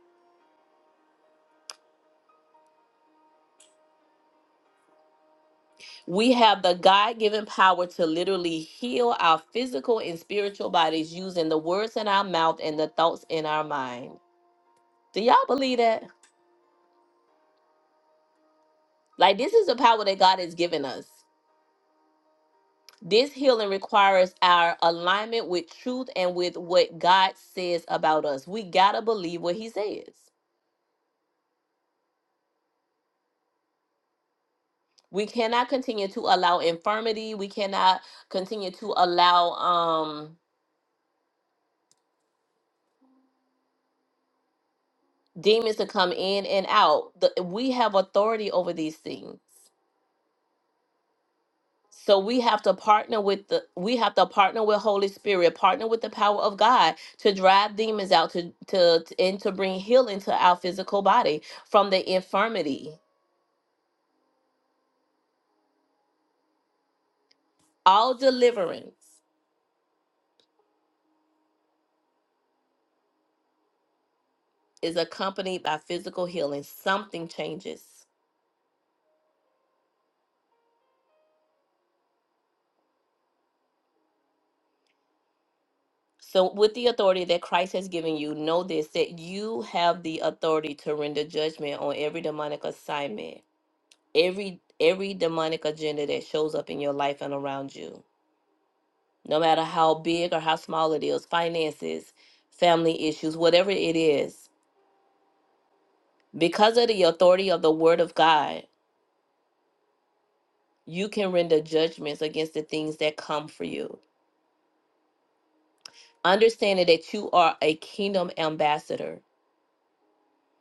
We have the God given power to literally heal our physical and spiritual bodies using the words in our mouth and the thoughts in our mind. Do y'all believe that? Like, this is the power that God has given us. This healing requires our alignment with truth and with what God says about us. We got to believe what He says. We cannot continue to allow infirmity. We cannot continue to allow um, demons to come in and out. The- we have authority over these things. So we have to partner with the we have to partner with Holy Spirit, partner with the power of God to drive demons out to to and to bring healing to our physical body from the infirmity. All deliverance is accompanied by physical healing. Something changes. So, with the authority that Christ has given you, know this that you have the authority to render judgment on every demonic assignment, every every demonic agenda that shows up in your life and around you. No matter how big or how small it is, finances, family issues, whatever it is, because of the authority of the word of God, you can render judgments against the things that come for you understanding that you are a kingdom ambassador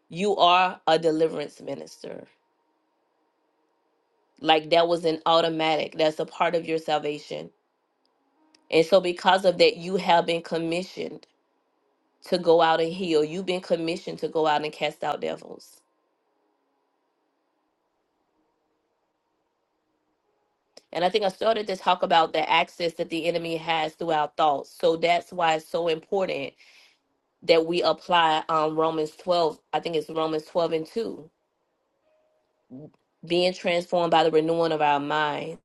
you are a deliverance minister like that was an automatic that's a part of your salvation and so because of that you have been commissioned to go out and heal you've been commissioned to go out and cast out devils and i think i started to talk about the access that the enemy has through our thoughts so that's why it's so important that we apply um, romans 12 i think it's romans 12 and 2 being transformed by the renewing of our mind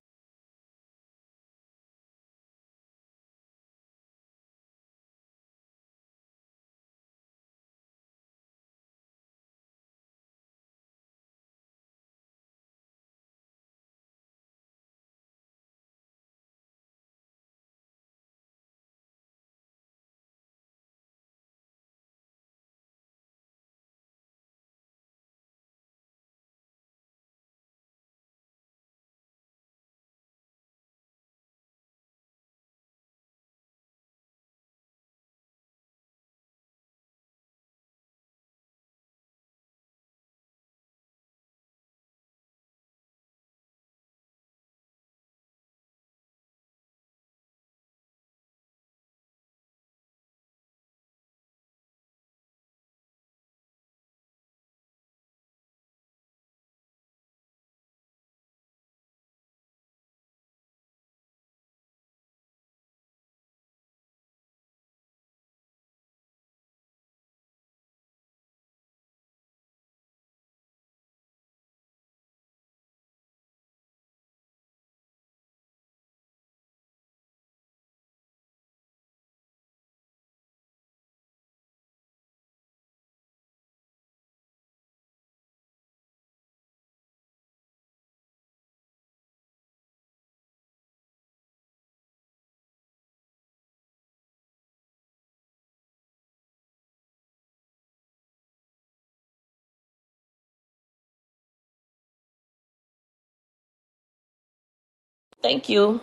thank you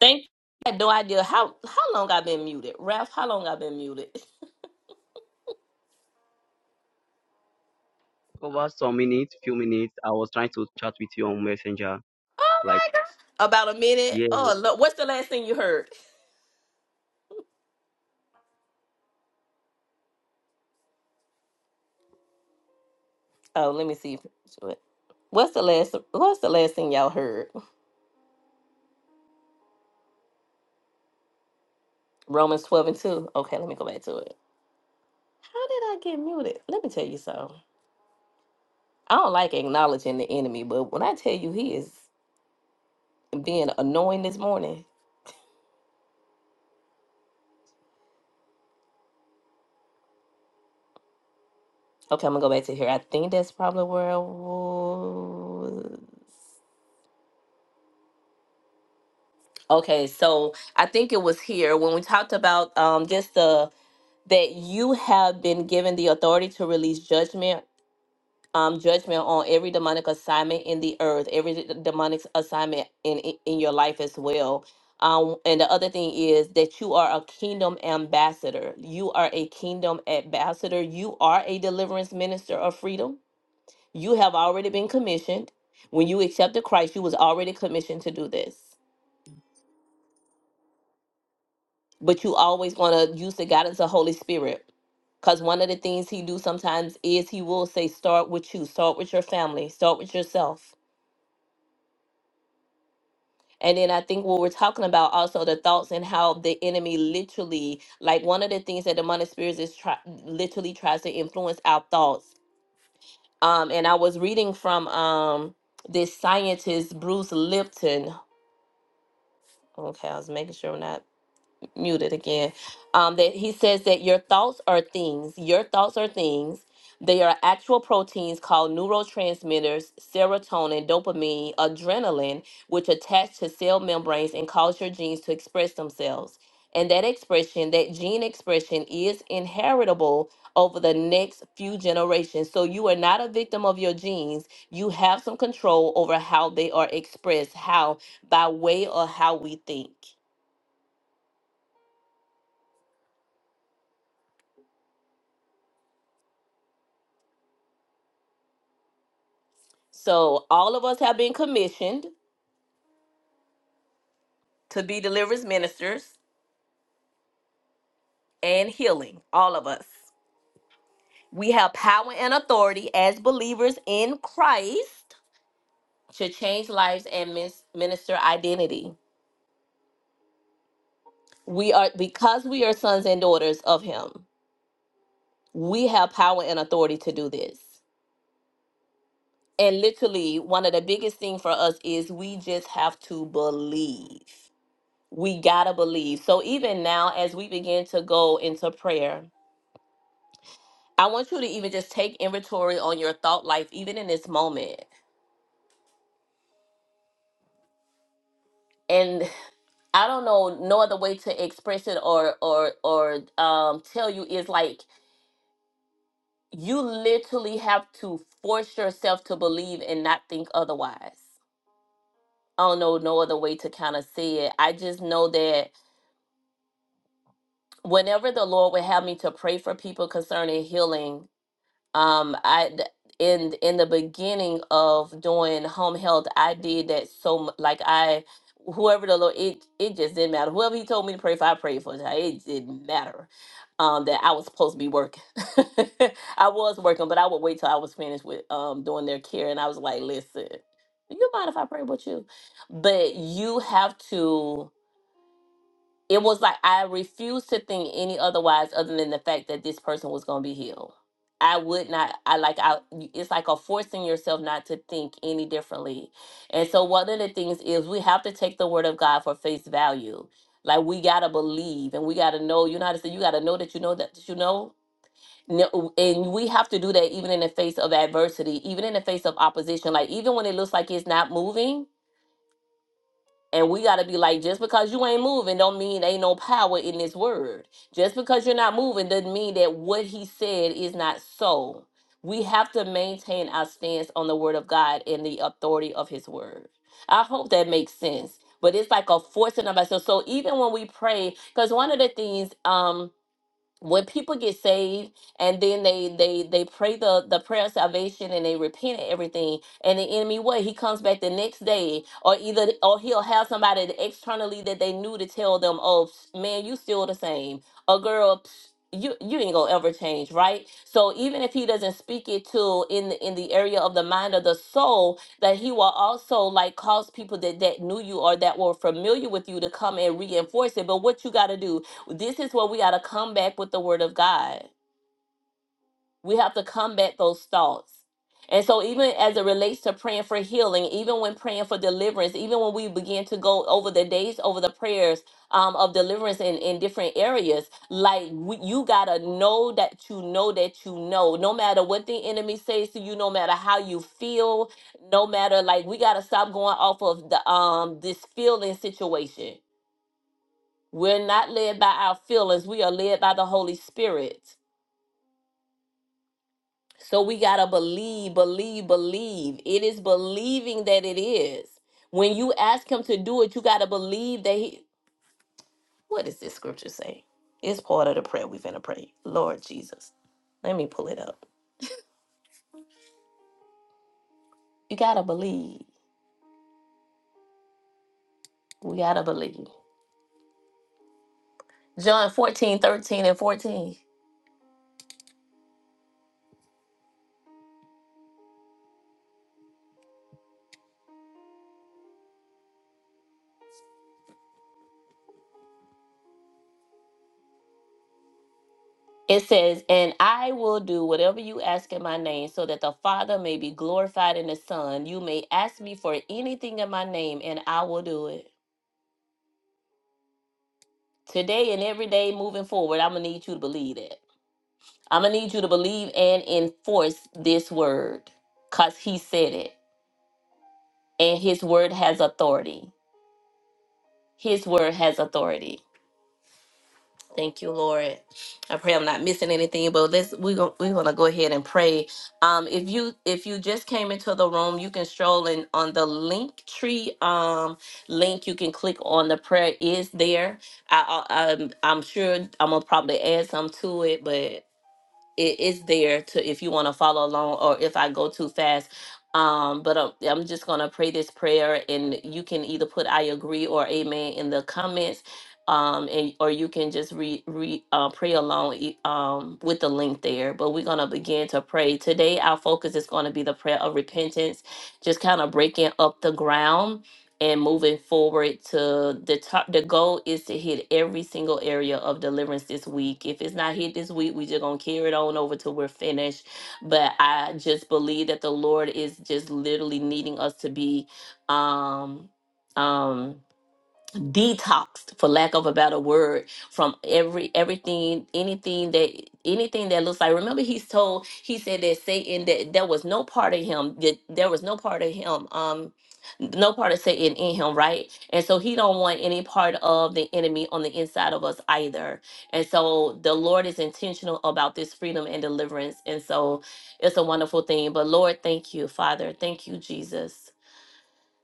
Thank you. I had no idea how how long I've been muted. Ralph, how long I've been muted? over some minutes, few minutes. I was trying to chat with you on Messenger. Oh Like, my god. About a yeah, minute. Oh look, what's the last thing you heard? Oh, let me see. What's the last what's the last thing y'all heard? Romans 12 and 2. Okay, let me go back to it. How did I get muted? Let me tell you something. I don't like acknowledging the enemy, but when I tell you he is being annoying this morning. Okay, I'm gonna go back to here. I think that's probably where I was. Okay, so I think it was here when we talked about um, just the that you have been given the authority to release judgment, um, judgment on every demonic assignment in the earth, every d- demonic assignment in in in your life as well. Um, and the other thing is that you are a kingdom ambassador. You are a kingdom ambassador. You are a deliverance minister of freedom. You have already been commissioned. When you accepted Christ, you was already commissioned to do this. but you always want to use the guidance of Holy Spirit. Because one of the things he do sometimes is he will say, start with you, start with your family, start with yourself. And then I think what we're talking about also the thoughts and how the enemy literally, like one of the things that demonic spirits is try, literally tries to influence our thoughts. Um, and I was reading from um this scientist Bruce Lipton. Okay, I was making sure I'm not muted again. Um, that he says that your thoughts are things. Your thoughts are things. They are actual proteins called neurotransmitters, serotonin, dopamine, adrenaline, which attach to cell membranes and cause your genes to express themselves. And that expression, that gene expression, is inheritable over the next few generations. So you are not a victim of your genes. You have some control over how they are expressed, how by way of how we think. So all of us have been commissioned to be deliverance ministers and healing. All of us. We have power and authority as believers in Christ to change lives and mis- minister identity. We are because we are sons and daughters of him. We have power and authority to do this. And literally one of the biggest thing for us is we just have to believe. We got to believe. So even now as we begin to go into prayer, I want you to even just take inventory on your thought life, even in this moment. And I don't know no other way to express it or or or um, tell you is like you literally have to force yourself to believe and not think otherwise. I don't know no other way to kind of say it. I just know that whenever the Lord would have me to pray for people concerning healing, um i d- in in the beginning of doing home health i did that so mu- like i whoever the lord it it just didn't matter whoever he told me to pray for i prayed for it It didn't matter um that i was supposed to be working i was working but i would wait till i was finished with um doing their care and i was like listen do you mind if i pray with you but you have to it was like I refused to think any otherwise other than the fact that this person was going to be healed. I would not. I like. I. It's like a forcing yourself not to think any differently. And so one of the things is we have to take the word of God for face value. Like we gotta believe and we gotta know. You know how to say you gotta know that you know that you know no, and we have to do that even in the face of adversity, even in the face of opposition. Like even when it looks like it's not moving, and we gotta be like, just because you ain't moving, don't mean ain't no power in this word. Just because you're not moving doesn't mean that what he said is not so. We have to maintain our stance on the word of God and the authority of his word. I hope that makes sense. But it's like a forcing of ourselves. So even when we pray, because one of the things, um, when people get saved and then they they they pray the the prayer of salvation and they repent and everything and the enemy what he comes back the next day or either or he'll have somebody that externally that they knew to tell them oh psh, man you still the same or girl psh, you you ain't gonna ever change right so even if he doesn't speak it to in the in the area of the mind or the soul that he will also like cause people that that knew you or that were familiar with you to come and reinforce it but what you got to do this is where we got to come back with the word of God. We have to combat those thoughts. And so, even as it relates to praying for healing, even when praying for deliverance, even when we begin to go over the days, over the prayers um, of deliverance in, in different areas, like we, you got to know that you know that you know. No matter what the enemy says to you, no matter how you feel, no matter like we got to stop going off of the um this feeling situation we're not led by our feelings. We are led by the Holy Spirit. So we got to believe, believe, believe. It is believing that it is. When you ask Him to do it, you got to believe that He. What does this scripture say? It's part of the prayer we're going to pray. Lord Jesus. Let me pull it up. You got to believe. We got to believe. John 14 13 and 14. It says, And I will do whatever you ask in my name, so that the Father may be glorified in the Son. You may ask me for anything in my name, and I will do it. Today and every day moving forward, I'm going to need you to believe that. I'm going to need you to believe and enforce this word because He said it, and His word has authority. His word has authority. Thank you, Lord. I pray I'm not missing anything, but let's we're gonna we're gonna go ahead and pray. Um, if you if you just came into the room, you can stroll in on the link tree um link. You can click on the prayer is there. I, I I'm, I'm sure I'm gonna probably add some to it, but it is there to if you want to follow along or if I go too fast. Um, but I'm, I'm just gonna pray this prayer, and you can either put "I agree" or "Amen" in the comments, um, and or you can just re, re uh, pray along e- um, with the link there. But we're gonna begin to pray today. Our focus is gonna be the prayer of repentance, just kind of breaking up the ground and moving forward to the top the goal is to hit every single area of deliverance this week if it's not hit this week we just gonna carry it on over till we're finished but i just believe that the lord is just literally needing us to be um um detoxed for lack of a better word from every everything anything that anything that looks like remember he's told he said that satan that there was no part of him that there was no part of him um no part of satan in him right and so he don't want any part of the enemy on the inside of us either and so the lord is intentional about this freedom and deliverance and so it's a wonderful thing but lord thank you father thank you jesus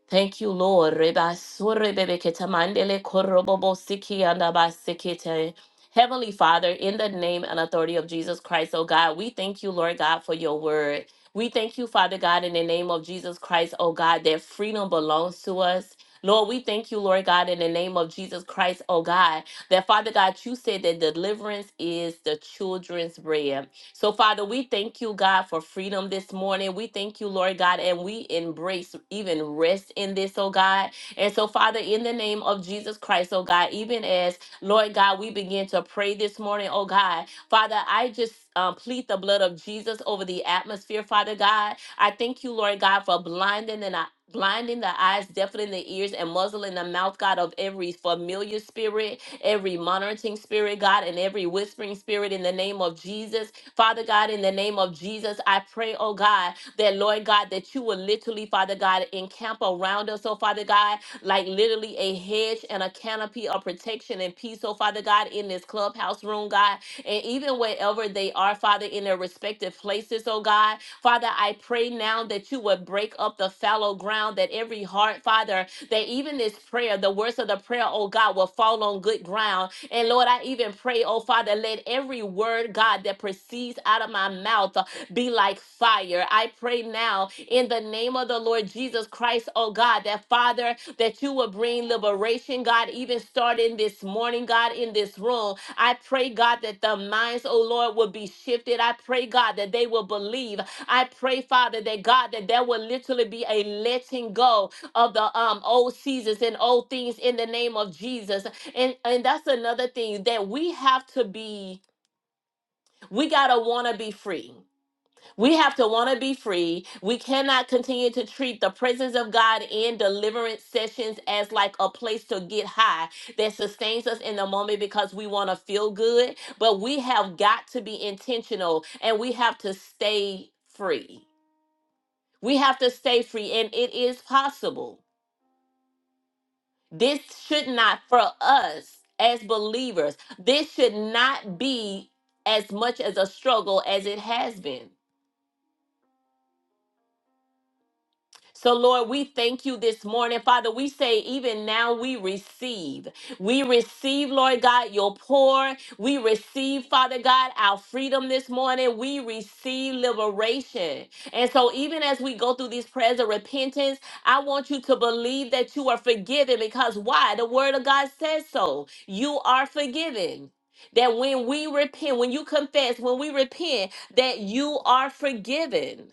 Thank you, Lord. Reba sore bebe keta mandele korobobo siki anda sikite. Heavenly Father, in the name and authority of Jesus Christ, oh God, we thank you, Lord God, for your word. We thank you, Father God, in the name of Jesus Christ, oh God, that freedom belongs to us. Lord, we thank you, Lord God, in the name of Jesus Christ, oh God, that Father God, you said that deliverance is the children's bread. So, Father, we thank you, God, for freedom this morning. We thank you, Lord God, and we embrace even rest in this, oh God. And so, Father, in the name of Jesus Christ, oh God, even as, Lord God, we begin to pray this morning, oh God, Father, I just um, plead the blood of Jesus over the atmosphere, Father God. I thank you, Lord God, for blinding and Blinding the eyes, deafening the ears, and muzzling the mouth, God, of every familiar spirit, every monitoring spirit, God, and every whispering spirit in the name of Jesus. Father God, in the name of Jesus, I pray, oh God, that Lord God, that you will literally, Father God, encamp around us, oh Father God, like literally a hedge and a canopy of protection and peace, oh Father God, in this clubhouse room, God, and even wherever they are, Father, in their respective places, oh God. Father, I pray now that you would break up the fallow ground, that every heart, Father, that even this prayer, the words of the prayer, oh God, will fall on good ground and Lord, I even pray, oh Father, let every word, God, that proceeds out of my mouth uh, be like fire. I pray now in the name of the Lord Jesus Christ, oh God, that Father, that you will bring liberation, God, even starting this morning, God, in this room. I pray, God, that the minds, oh Lord, will be shifted. I pray, God, that they will believe. I pray, Father, that God, that there will literally be a letting go of the um old seasons and old things in the name of Jesus and and that's another thing that we have to be we got to want to be free we have to want to be free we cannot continue to treat the presence of god in deliverance sessions as like a place to get high that sustains us in the moment because we want to feel good but we have got to be intentional and we have to stay free we have to stay free and it is possible This should not, for us as believers, this should not be as much as a struggle as it has been. So, Lord, we thank you this morning. Father, we say, even now we receive. We receive, Lord God, your pour. We receive, Father God, our freedom this morning. We receive liberation. And so, even as we go through these prayers of repentance, I want you to believe that you are forgiven because why? The word of God says so. You are forgiven. That when we repent, when you confess, when we repent, that you are forgiven.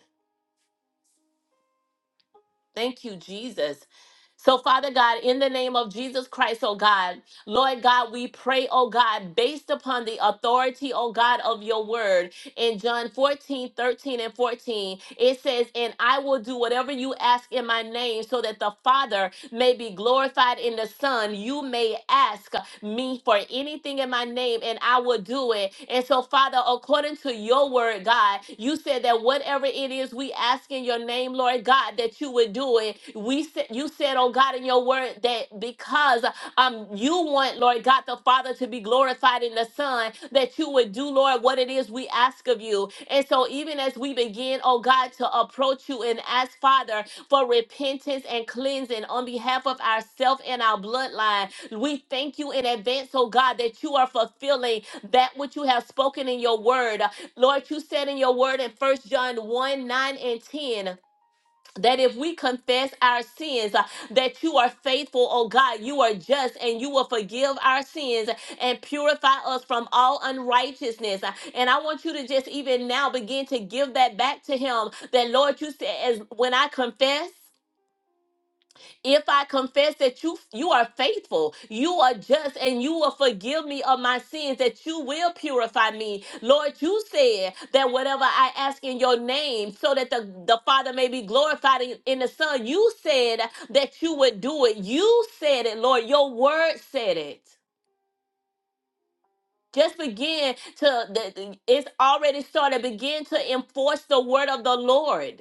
Thank you, Jesus. So, Father God, in the name of Jesus Christ, oh God, Lord God, we pray, oh God, based upon the authority, oh God, of your word. In John 14, 13, and 14, it says, And I will do whatever you ask in my name, so that the Father may be glorified in the Son. You may ask me for anything in my name, and I will do it. And so, Father, according to your word, God, you said that whatever it is we ask in your name, Lord God, that you would do it. We said you said, oh God, in your word that because um you want, Lord God, the Father to be glorified in the Son, that you would do, Lord, what it is we ask of you. And so even as we begin, oh God, to approach you and ask, Father, for repentance and cleansing on behalf of ourself and our bloodline. We thank you in advance, oh God, that you are fulfilling that which you have spoken in your word. Lord, you said in your word in First John 1 9 and 10. That if we confess our sins, uh, that you are faithful, oh God, you are just, and you will forgive our sins and purify us from all unrighteousness. Uh, And I want you to just even now begin to give that back to Him. That Lord, you said, as when I confess if I confess that you you are faithful, you are just, and you will forgive me of my sins, that you will purify me. Lord, you said that whatever I ask in your name, so that the, the Father may be glorified in, in the Son, you said that you would do it. You said it, Lord. Your word said it. Just begin to, the, the- it's already started. Begin to enforce the word of the Lord.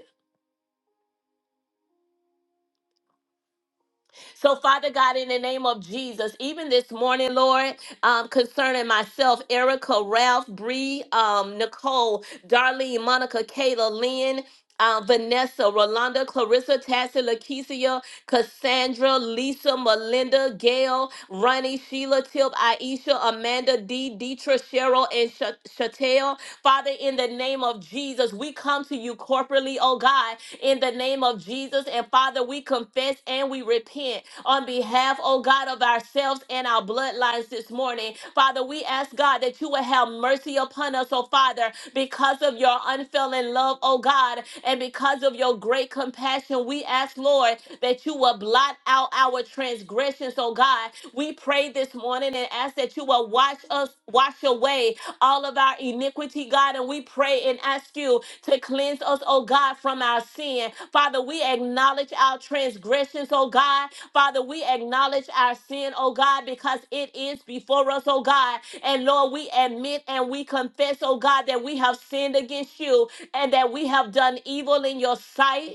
So, Father God, in the name of Jesus, even this morning, Lord, um, concerning myself, Erica, Ralph, Bree, um, Nicole, Darlene, Monica, Kayla, Lynn, uh, Vanessa, Rolanda, Clarissa, Tassie, Lakeisha. Cassandra, Lisa, Melinda, Gail, Ronnie, Sheila, Tip, Aisha, Amanda, D, Deetra, Cheryl, and Sha- Shatel. Father, in the name of Jesus, we come to you corporately, oh God, in the name of Jesus. And Father, we confess and we repent on behalf, oh God, of ourselves and in our bloodlines this morning. Father, we ask God that you will have mercy upon us, oh Father, because of your unfailing love, oh God, and because of your great compassion. We ask, Lord, that you will blot out our transgressions, oh God. We pray this morning and ask that you will wash us, wash away all of our iniquity, God. And we pray and ask you to cleanse us, oh God, from our sin. Father, we acknowledge our transgressions, oh God. Father, we acknowledge our sin, oh God, because it is before us, oh God. And Lord, we admit and we confess, oh God, that we have sinned against you and that we have done evil in your sight.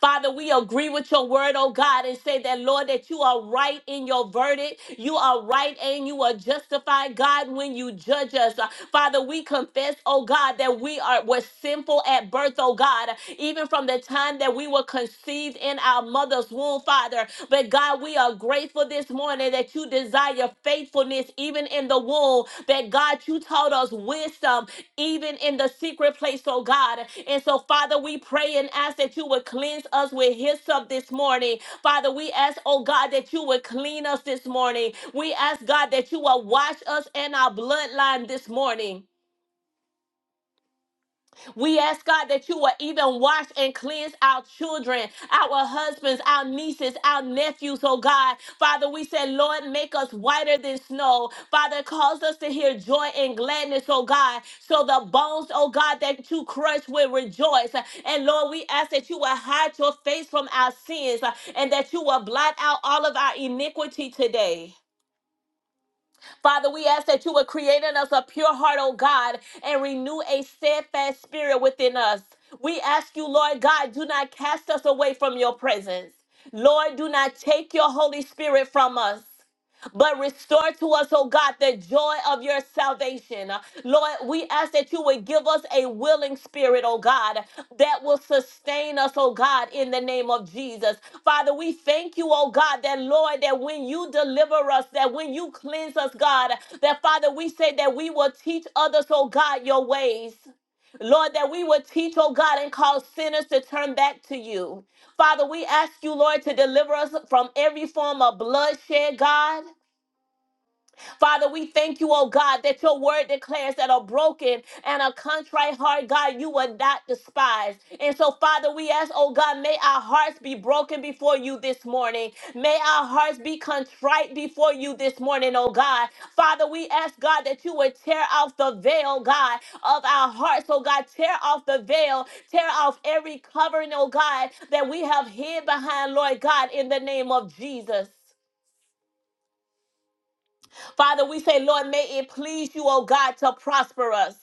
Father, we agree with your word, oh God, and say that, Lord, that you are right in your verdict. You are right and you are justified, God, when you judge us. Uh, Father, we confess, oh God, that we are were sinful at birth, oh God, even from the time that we were conceived in our mother's womb, Father. But God, we are grateful this morning that you desire faithfulness even in the womb, that God, you taught us wisdom even in the secret place, oh God. And so, Father, we pray and ask that you would cleanse us with hyssop this morning. Father, we ask, oh God, that you would clean us this morning. We ask, God, that you will wash us in our bloodline this morning. We ask God that you will even wash and cleanse our children, our husbands, our nieces, our nephews, oh God. Father, we say, Lord, make us whiter than snow. Father, cause us to hear joy and gladness, oh God. So the bones, oh God, that you crush will rejoice. And Lord, we ask that you will hide your face from our sins uh, and that you will blot out all of our iniquity today. Father, we ask that you would create in us a pure heart, oh God, and renew a steadfast spirit within us. We ask you, Lord God, do not cast us away from your presence. Lord, do not take your Holy Spirit from us but restore to us, oh God, the joy of your salvation. Uh, Lord, we ask that you would give us a willing spirit, oh God, that will sustain us, oh God, in the name of Jesus. Father, we thank you, oh God, that Lord, that when you deliver us, that when you cleanse us, God, that Father, we say that we will teach others, oh God, your ways. Lord, that we would teach, oh God, and cause sinners to turn back to you. Father, we ask you, Lord, to deliver us from every form of bloodshed, God. Father, we thank you, oh God, that your word declares that a broken and a contrite heart, God, you will not despise. And so, Father, we ask, oh God, may our hearts be broken before you this morning. May our hearts be contrite before you this morning, oh God. Father, we ask, God, that you would tear off the veil, God, of our hearts, oh God. Tear off the veil, tear off every covering, oh God, that we have hid behind, Lord God, in the name of Jesus. Father, we say, Lord, may it please you, oh God, to prosper us.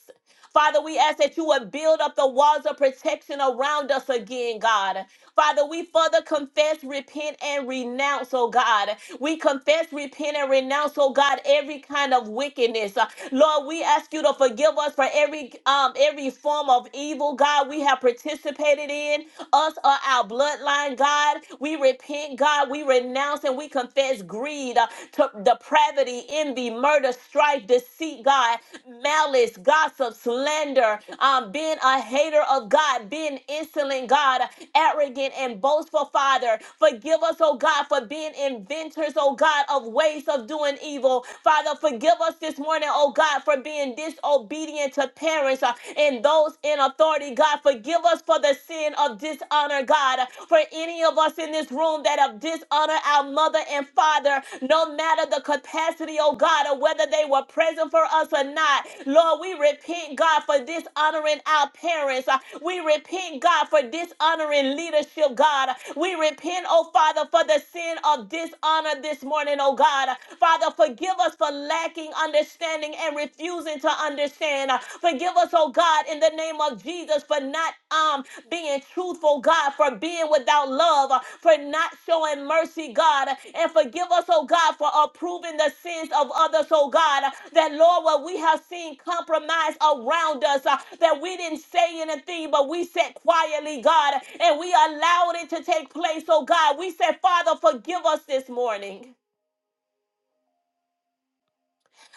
Father, we ask that you would build up the walls of protection around us again, God. Father, we further confess, repent, and renounce, oh God. We confess, repent, and renounce, oh God, every kind of wickedness. Uh, Lord, we ask you to forgive us for every um every form of evil, God, we have participated in, us or our bloodline, God. We repent, God, we renounce and we confess greed, uh, to depravity, envy, murder, strife, deceit, God, malice, gossip, slander, um, bitterness, being a hater of God, being insolent, God, arrogant and boastful, Father. Forgive us, oh God, for being inventors, oh God, of ways of doing evil. Father, forgive us this morning, oh God, for being disobedient to parents uh, and those in authority, God. Forgive us for the sin of dishonor, God. For any of us in this room that have dishonored our mother and father, Father, no matter the capacity, oh God, or whether they were present for us or not. Lord, we repent, God, for dishonoring our parents. Uh, We repent, God, for dishonoring leadership, God. We repent, oh Father, for the sin of dishonor this morning, oh God. Father, forgive us for lacking understanding and refusing to understand. Uh, Forgive us, oh God, in the name of of Jesus for not um being truthful, God, for being without love, uh, for not showing mercy, God, uh, and forgive us, oh God, for approving the sins of others, oh God. uh, That Lord, what we have seen compromise around us, uh, that we didn't say anything, but we said quietly, God, and we allowed it to take place, oh God. We said, Father, forgive us this morning.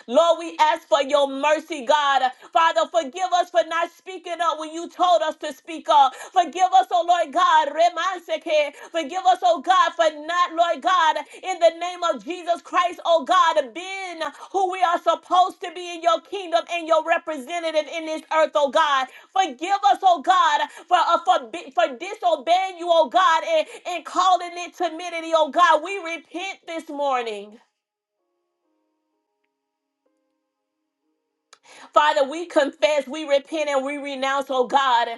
Lord, we ask for your mercy, God. Father, forgive us for not speaking up when you told us to speak up. Forgive us, oh Lord God. Remanseke. Forgive us, oh God, for not, Lord God, in the name of Jesus Christ, oh God, being who we are supposed to be in your kingdom and your representative in this earth, oh God. Forgive us, oh God, for uh, for, bi- for disobeying you, oh God, and, and calling it timidity, oh God. We repent this morning. Father, we confess, we repent, and we renounce, oh God,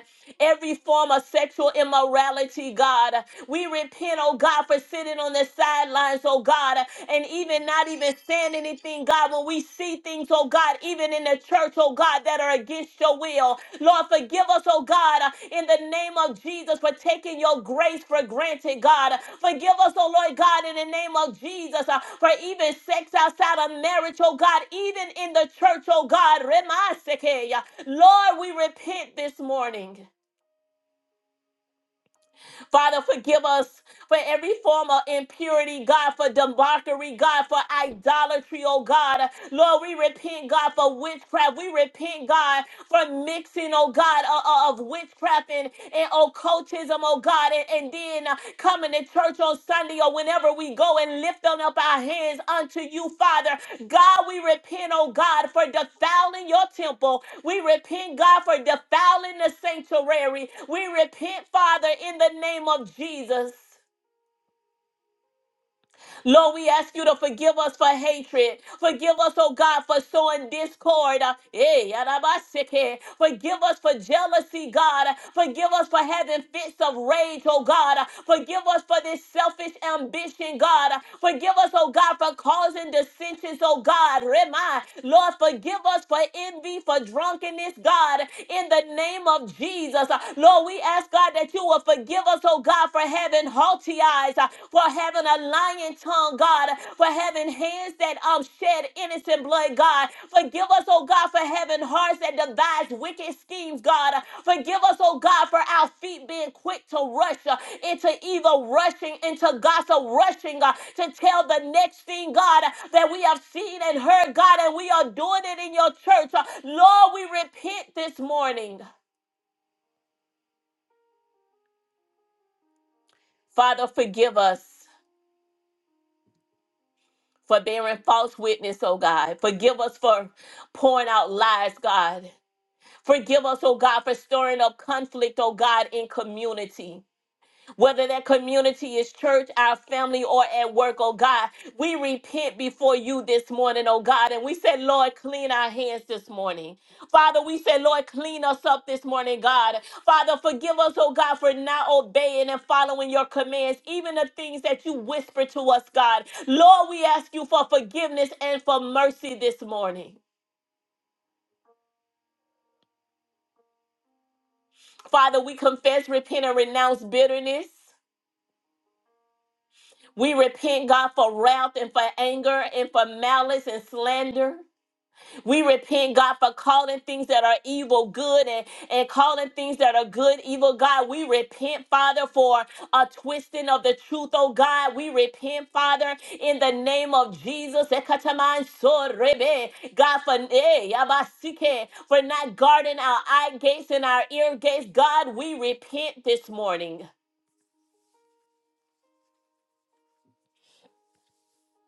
every form of sexual immorality, God. We repent, oh God, for sitting on the sidelines, oh God, and even not even saying anything, God, when we see things, oh God, even in the church, oh God, that are against your will. Lord, forgive us, oh God, uh, in the name of Jesus for taking your grace for granted, God. Forgive us, oh Lord God, in the name of Jesus uh, for even sex outside of marriage, oh God, even in the church, oh God. Remasekeya. Lord, we repent this morning. Father, forgive us for every form of impurity, God, for debauchery, God, for idolatry, oh God. Lord, we repent, God, for witchcraft. We repent, God, for mixing, oh God, uh, uh, of witchcraft and, and occultism, oh God, and, and then uh, coming to church on Sunday or whenever we go and lift on up our hands unto you, Father. God, we repent, oh God, for defiling your temple. We repent, God, for defiling the sanctuary. We repent, Father, in the name of Jesus. Lord, we ask you to forgive us for hatred. Forgive us, oh God, for sowing discord. Uh, eh, yarabaseke. Forgive us for jealousy, God. Forgive us for having fits of rage, oh God. Forgive us for this selfish ambition, God. Forgive us, oh God, for causing dissensions, oh God. Remind, Lord, forgive us for envy, for drunkenness, God. In the name of Jesus, Uh, Lord, we ask, God, that you will forgive us, oh Oh God, for having haughty eyes, uh, for having a lying tongue, God, uh, for having hands that um shed innocent blood, God. Forgive us, oh God, for having hearts that devise wicked schemes, God. Uh, Forgive us, oh God, for our feet being quick to rush uh, into evil, rushing into gossip, rushing uh, to tell the next thing, God, uh, that we have seen and heard, God, and we are doing it in your church. Uh, Lord, we repent this morning. Father, forgive us. for bearing false witness, oh God. Forgive us for pouring out lies, God. Forgive us, oh God, for stirring up conflict, oh God, in community whether that community is church, our family, or at work, oh God. We repent before you this morning, oh God. And we said, Lord, clean our hands this morning. Father, we said, Lord, clean us up this morning, God. Father, forgive us, oh God, for not obeying and following your commands, even the things that you whisper to us, God. Lord, we ask you for forgiveness and for mercy this morning. Father, we confess, repent, and renounce bitterness. We repent, God, for wrath and for anger and for malice and slander. We repent, God, for calling things that are evil good and, and calling things that are good evil, God. We repent, Father, for a twisting of the truth, oh God. We repent, Father, in the name of Jesus. Ekataman sorebe. God, for, eh, yabasike, for not guarding our eye gates and our ear gates, God, we repent this morning.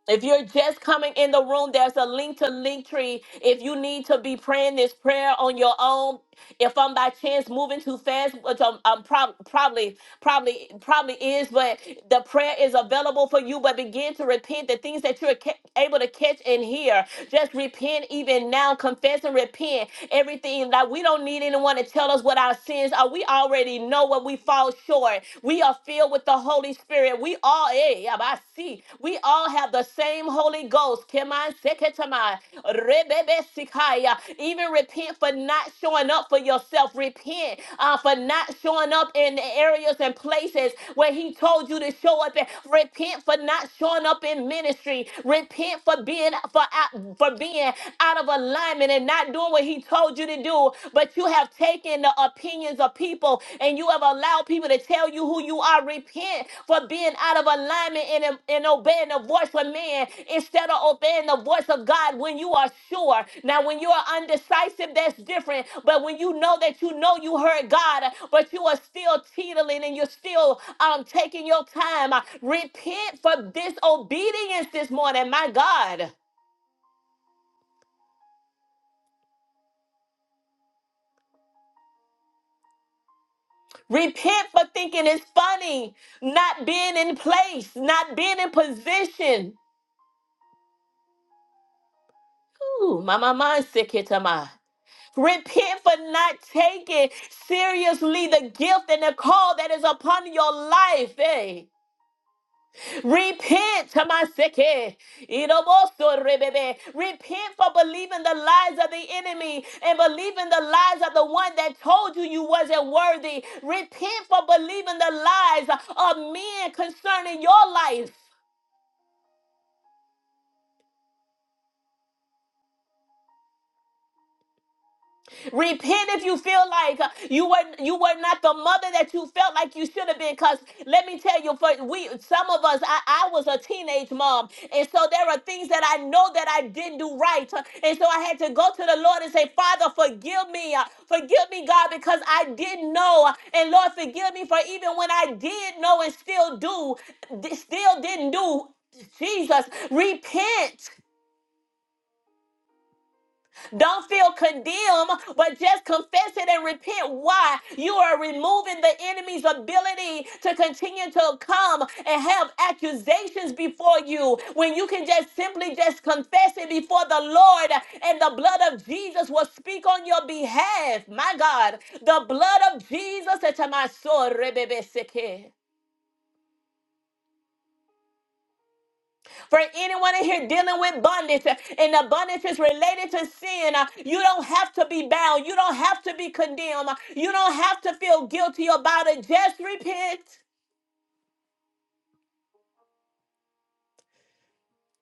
If you're just coming in the room, there's a link to Linktree. If you need to be praying this prayer on your own, if I'm by chance moving too fast, which I'm, I'm prob- probably, probably, probably is, but the prayer is available for you. But begin to repent the things that you're ca- able to catch and hear. Just repent even now. Confess and repent. Everything that we don't need anyone to tell us what our sins are. We already know what we fall short. We are filled with the Holy Spirit. We all, eh, yeah, I see. We all have the same Holy Ghost. Come on, Rebebesikaya. Even repent for not showing up for yourself. Repent uh, for not showing up in the areas and places where He told you to show up. And repent for not showing up in ministry. Repent for being for out- for being out of alignment and not doing what He told you to do. But you have taken the opinions of people and you have allowed allow people to tell you who you are. Repent for being out of alignment and, and obeying the voice of man instead of obeying the voice of God when you are sure. Now, when you are undecisive, that's different. But when you know that you know you heard God, but you are still teetering and you're still um, taking your time, uh, repent for disobedience this morning. My God. Repent for thinking it's funny, not being in place, not being in position. Ooh, my, my mind's sick here to mine. Repent for not taking seriously the gift and the call that is upon your life. eh? Repent, Tamaseke. Iroboso rebebe. Repent for believing the lies of the enemy and believing the lies of the one that told you you wasn't worthy. Repent for believing the lies of men concerning your life. Repent if you feel like uh, you were you were not the mother that you felt like you should have been. Cause let me tell you, for we some of us, I, I was a teenage mom, and so there are things that I know that I didn't do right, uh, and so I had to go to the Lord and say, Father, forgive me, uh, forgive me, God, because I didn't know, uh, and Lord, forgive me for even when I did know and still do, d- still didn't do. Jesus, repent. Don't feel condemned, but just confess it and repent. Why? You are removing the enemy's ability to continue to come and have accusations before you when you can just simply just confess it before the Lord and the blood of Jesus will speak on your behalf. My God, the blood of Jesus. For anyone in here dealing with bondage, uh, and the bondage is related to sin, uh, you don't have to be bound. You don't have to be condemned. uh, You don't have to feel guilty about it. Just repent.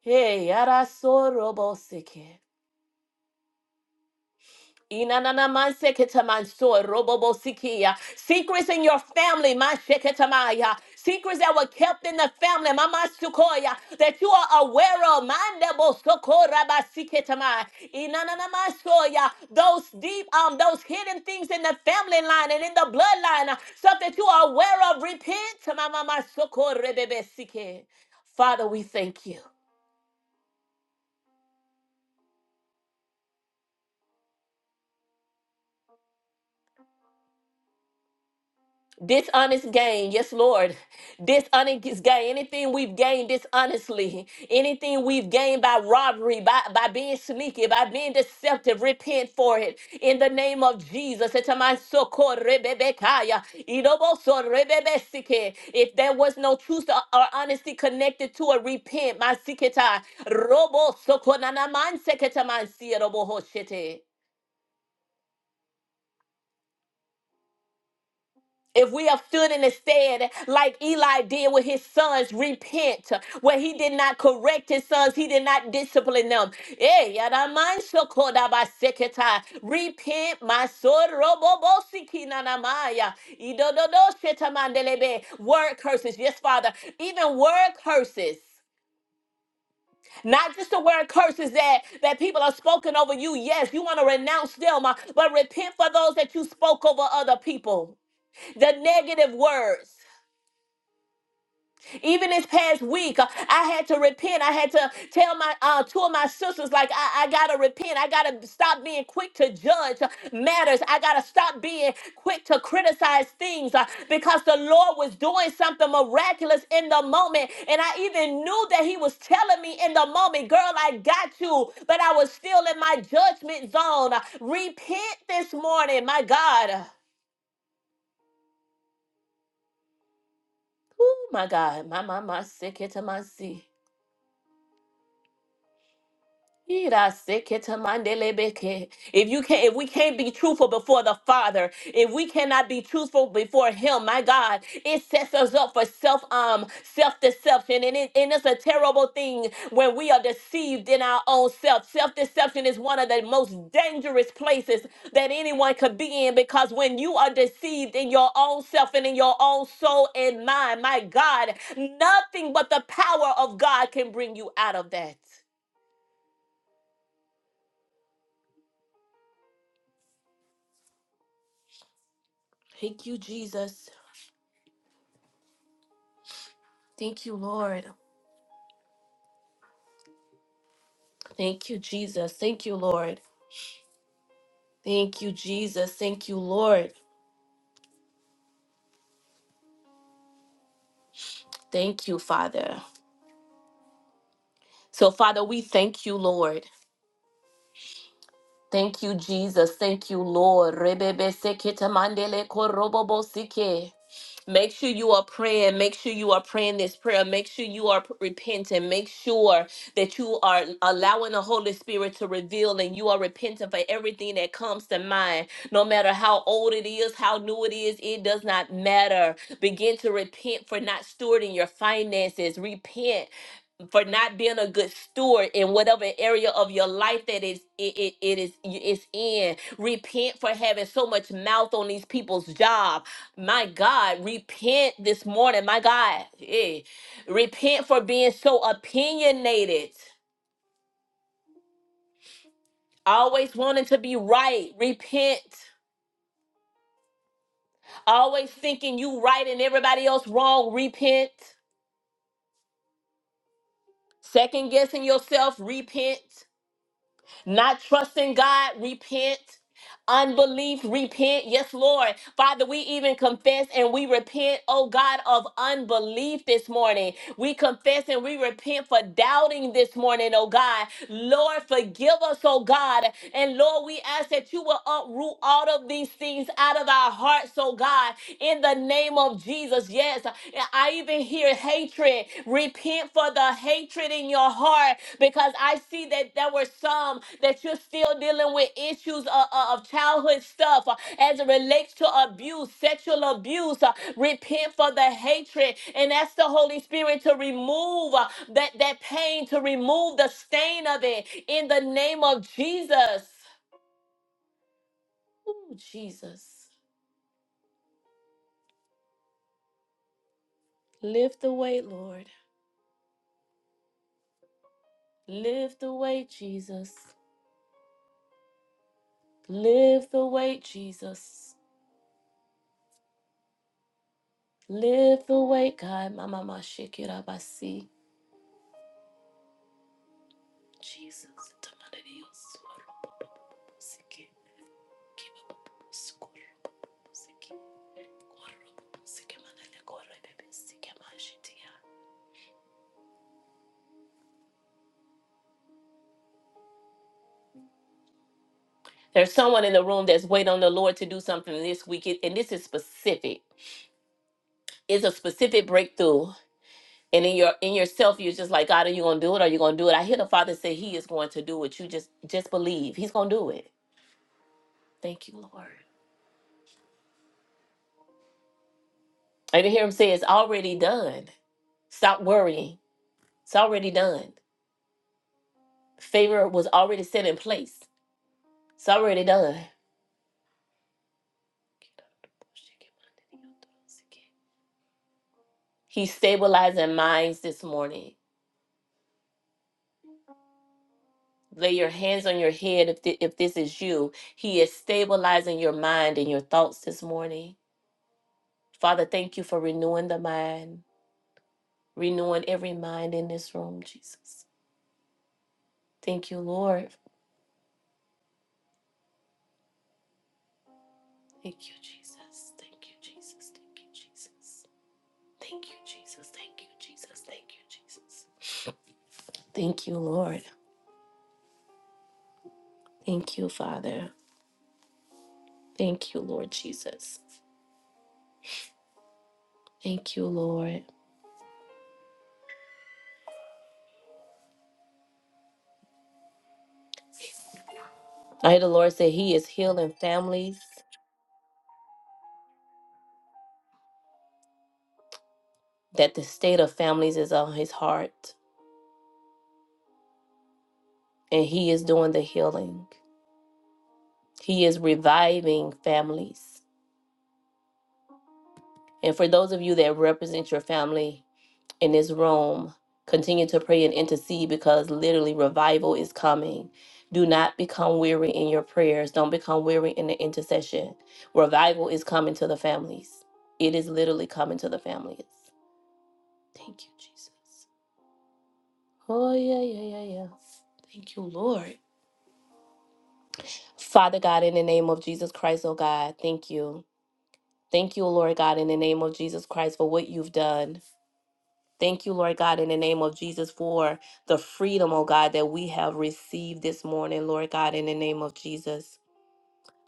Hey, yada sorobo siki. Inanana seketamanso robobo sikia. Secrets in your family, my sheketamaya. Secrets that were kept in the family, mama sukoya, that you are aware of, mandebo sokora basiketamaya. Inanana masoya. Those deep, um, those hidden things in the family line and in the bloodline, uh, stuff that you are aware of, repent, mama sokore bebe sike. Father, we thank you. Dishonest gain, yes, Lord. Dishonest gain, anything we've gained dishonestly, anything we've gained by robbery, by, by being sneaky, by being deceptive, repent for it. In the name of Jesus, Etamasokorebebekaya, idobosorebebesike. if there was no truth or or honesty connected to it, repent. Masiketa, robosokonanamanseketamansirobohoshete. If we have stood in the stead like Eli did with his sons, repent, where he did not correct his sons, he did not discipline them. Eh, yadamanshokodabaseketa. Repent, my son, robobosikinanamaya. Idododosetamandelebe. word curses. Yes, Father, even word curses. Not just the word curses that, that people are spoken over you. Yes, you want to renounce them, uh, but repent for those that you spoke over other people the negative words. Even this past week, uh, I had to repent. I had to tell my uh, two of my sisters, like, I, I gotta repent. I gotta stop being quick to judge uh, matters. I gotta stop being quick to criticize things uh, because the Lord was doing something miraculous in the moment. And I even knew that He was telling me in the moment, girl, I got you. But I was still in my judgment zone. Uh, Repent this morning, my God. Oh, my God. My, my, my, sick it to my sea. Iraseketemandelebeke. If you can not if we can't be truthful before the Father, if we cannot be truthful before Him, my God, it sets us up for self um self deception, and it and it's a terrible thing when we are deceived in our own self. Self deception is one of the most dangerous places that anyone could be in because when you are deceived in your own self and in your own soul and mind, my God, nothing but the power of God can bring you out of that. Thank you, Jesus. Thank you, Lord. Thank you, Jesus. Thank you, Lord. Thank you, Jesus. Thank you, Lord. Thank you, Father. So, Father, we thank you, Lord. Thank you, Jesus. Thank you, Lord. Rebebe sekete mandele korobobo sike. Make sure you are praying. Make sure you are praying this prayer. Make sure you are p- repenting. Make sure that you are allowing the Holy Spirit to reveal and you are repenting for everything that comes to mind. No matter how old it is, how new it is, it does not matter. Begin to repent for not stewarding your finances. Repent for not being a good steward in whatever area of your life that is it, it, it is it's in repent for having so much mouth on these people's job my god repent this morning my god eh. repent for being so opinionated always wanting to be right repent always thinking you right and everybody else wrong repent second guessing yourself repent Not trusting God, repent. Unbelief, repent. Yes, Lord. Father, we even confess and we repent, oh God, of unbelief this morning. We confess and we repent for doubting this morning, oh God. Lord, forgive us, oh God. And Lord, we ask that you will uproot all of these things out of our hearts, oh God, in the name of Jesus. Yes, I even hear hey, hatred. Repent for the hatred in your heart because I see that there were some that you're still dealing with issues of, of childhood stuff uh, as it relates to abuse, sexual abuse. uh, Repent for the hatred and ask the Holy Spirit to remove uh, that, that pain, to remove the stain of it in the name of Jesus. Ooh, Jesus. Lift the weight, Lord. Lift the weight, Jesus. Lift the weight, Jesus. Live the way, God. Mama, mama, shake it up. I see Jesus. There's someone in the room that's waiting on the Lord to do something this week, It- and this is specific. It's a specific breakthrough. And in your in yourself, you're just like, God, are you gonna do it? Are you gonna do it? I hear the Father say He is going to do it. You just just believe He's gonna do it. Thank you, Lord. I didn't hear him say it's already done. Stop worrying. It's already done. Favor was already set in place. It's already done. He's stabilizing minds this morning. Lay your hands on your head if, thi- if this is you. He is stabilizing your mind and your thoughts this morning. Father, thank you for renewing the mind, renewing every mind in this room, Jesus. Thank you, Lord. Thank you, Jesus. Thank you, Jesus. Thank you, Jesus. Thank you, Jesus. Thank you, Jesus. Thank you, Jesus. Thank you, Lord. Thank you, Father. Thank you, Lord Jesus. Thank you, Lord. I hear the Lord say He is healing families, that the state of families is on His heart, and He is doing the healing. He is reviving families. And for those of you that represent your family, in this room. Continue to pray and intercede because literally revival is coming. Do not become weary in your prayers. Don't become weary in the intercession. Revival is coming to the families. It is literally coming to the families. Thank you, Jesus. Oh, yeah, yeah, yeah, yeah. Thank you, Lord. Father God, in the name of Jesus Christ, oh God, thank you. Thank you, Lord God, in the name of Jesus Christ for what you've done. Thank you, Lord God, in the name of Jesus for the freedom, oh God, that we have received this morning, Lord God, in the name of Jesus.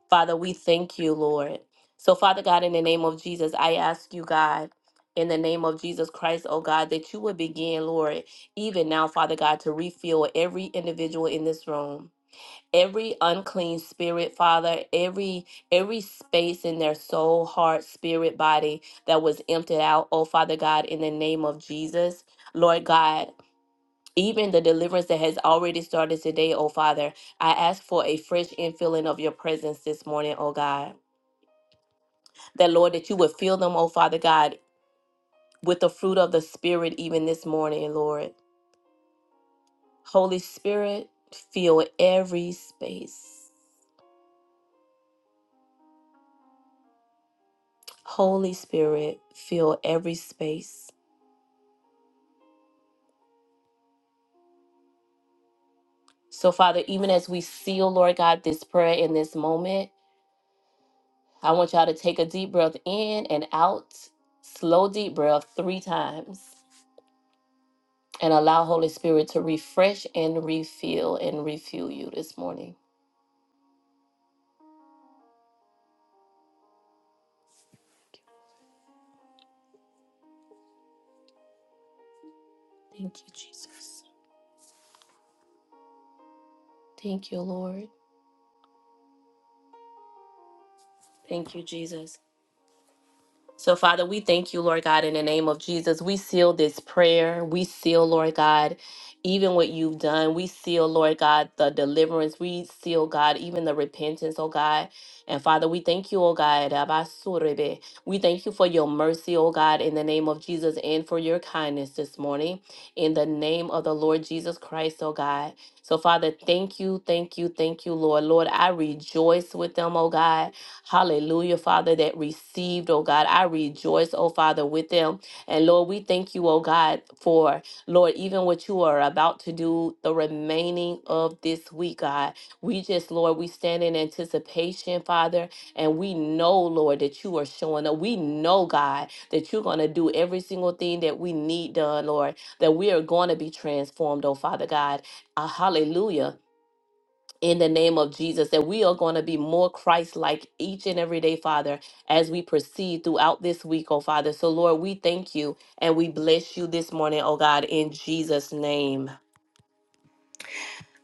Father, we thank you, Lord. So, Father God, in the name of Jesus, I ask you, God, in the name of Jesus Christ, oh God, that you would begin, Lord, even now, Father God, to refill every individual in this room every unclean spirit father every every space in their soul heart spirit body that was emptied out oh father god in the name of jesus lord god even the deliverance that has already started today, oh Father, I ask for a fresh infilling of your presence this morning, oh God. That, Lord, that you would fill them, oh Father God, with the fruit of the Spirit even this morning, Lord. Holy Spirit, fill every space. Holy Spirit, fill every space. So, Father, even as we seal, Lord God, this prayer in this moment, I want y'all to take a deep breath in and out, slow, deep breath three times, and allow Holy Spirit to refresh and refill and refuel you this morning. Thank you, Jesus. Thank you, Lord. Thank you, Jesus. So, Father, we thank you, Lord God, in the name of Jesus. We seal this prayer. We seal, Lord God, even what you've done. We seal, Lord God, the deliverance. We seal, God, even the repentance, oh God. And Father, we thank you, oh God. Abasurebe. We thank you for your mercy, oh God, in the name of Jesus, and for your kindness this morning, in the name of the Lord Jesus Christ, oh God. So, Father, thank you, thank you, thank you, Lord. Lord, I rejoice with them, oh God. Hallelujah, Father, that received, oh God. I rejoice, oh Father, with them. And Lord, we thank you, oh God, for Lord, even what you are about to do the remaining of this week, God. We just, Lord, we stand in anticipation, Father, and we know, Lord, that you are showing up. We know, God, that you're going to do every single thing that we need done, Lord, that we are going to be transformed, oh Father God. Uh, hallelujah in the name of Jesus, that we are going to be more Christ like each and every day, Father, as we proceed throughout this week, oh Father. So, Lord, we thank you and we bless you this morning, oh God, in Jesus' name.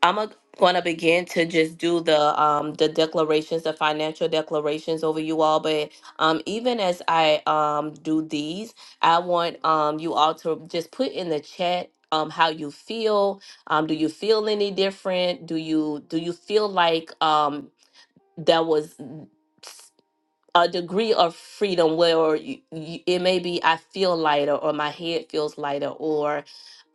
I'm going to begin to just do the um the declarations, the financial declarations over you all, but um even as I um do these, I want um you all to just put in the chat um how you feel, um do you feel any different do you do you feel like um there was a degree of freedom where you, you, it may be I feel lighter or my head feels lighter or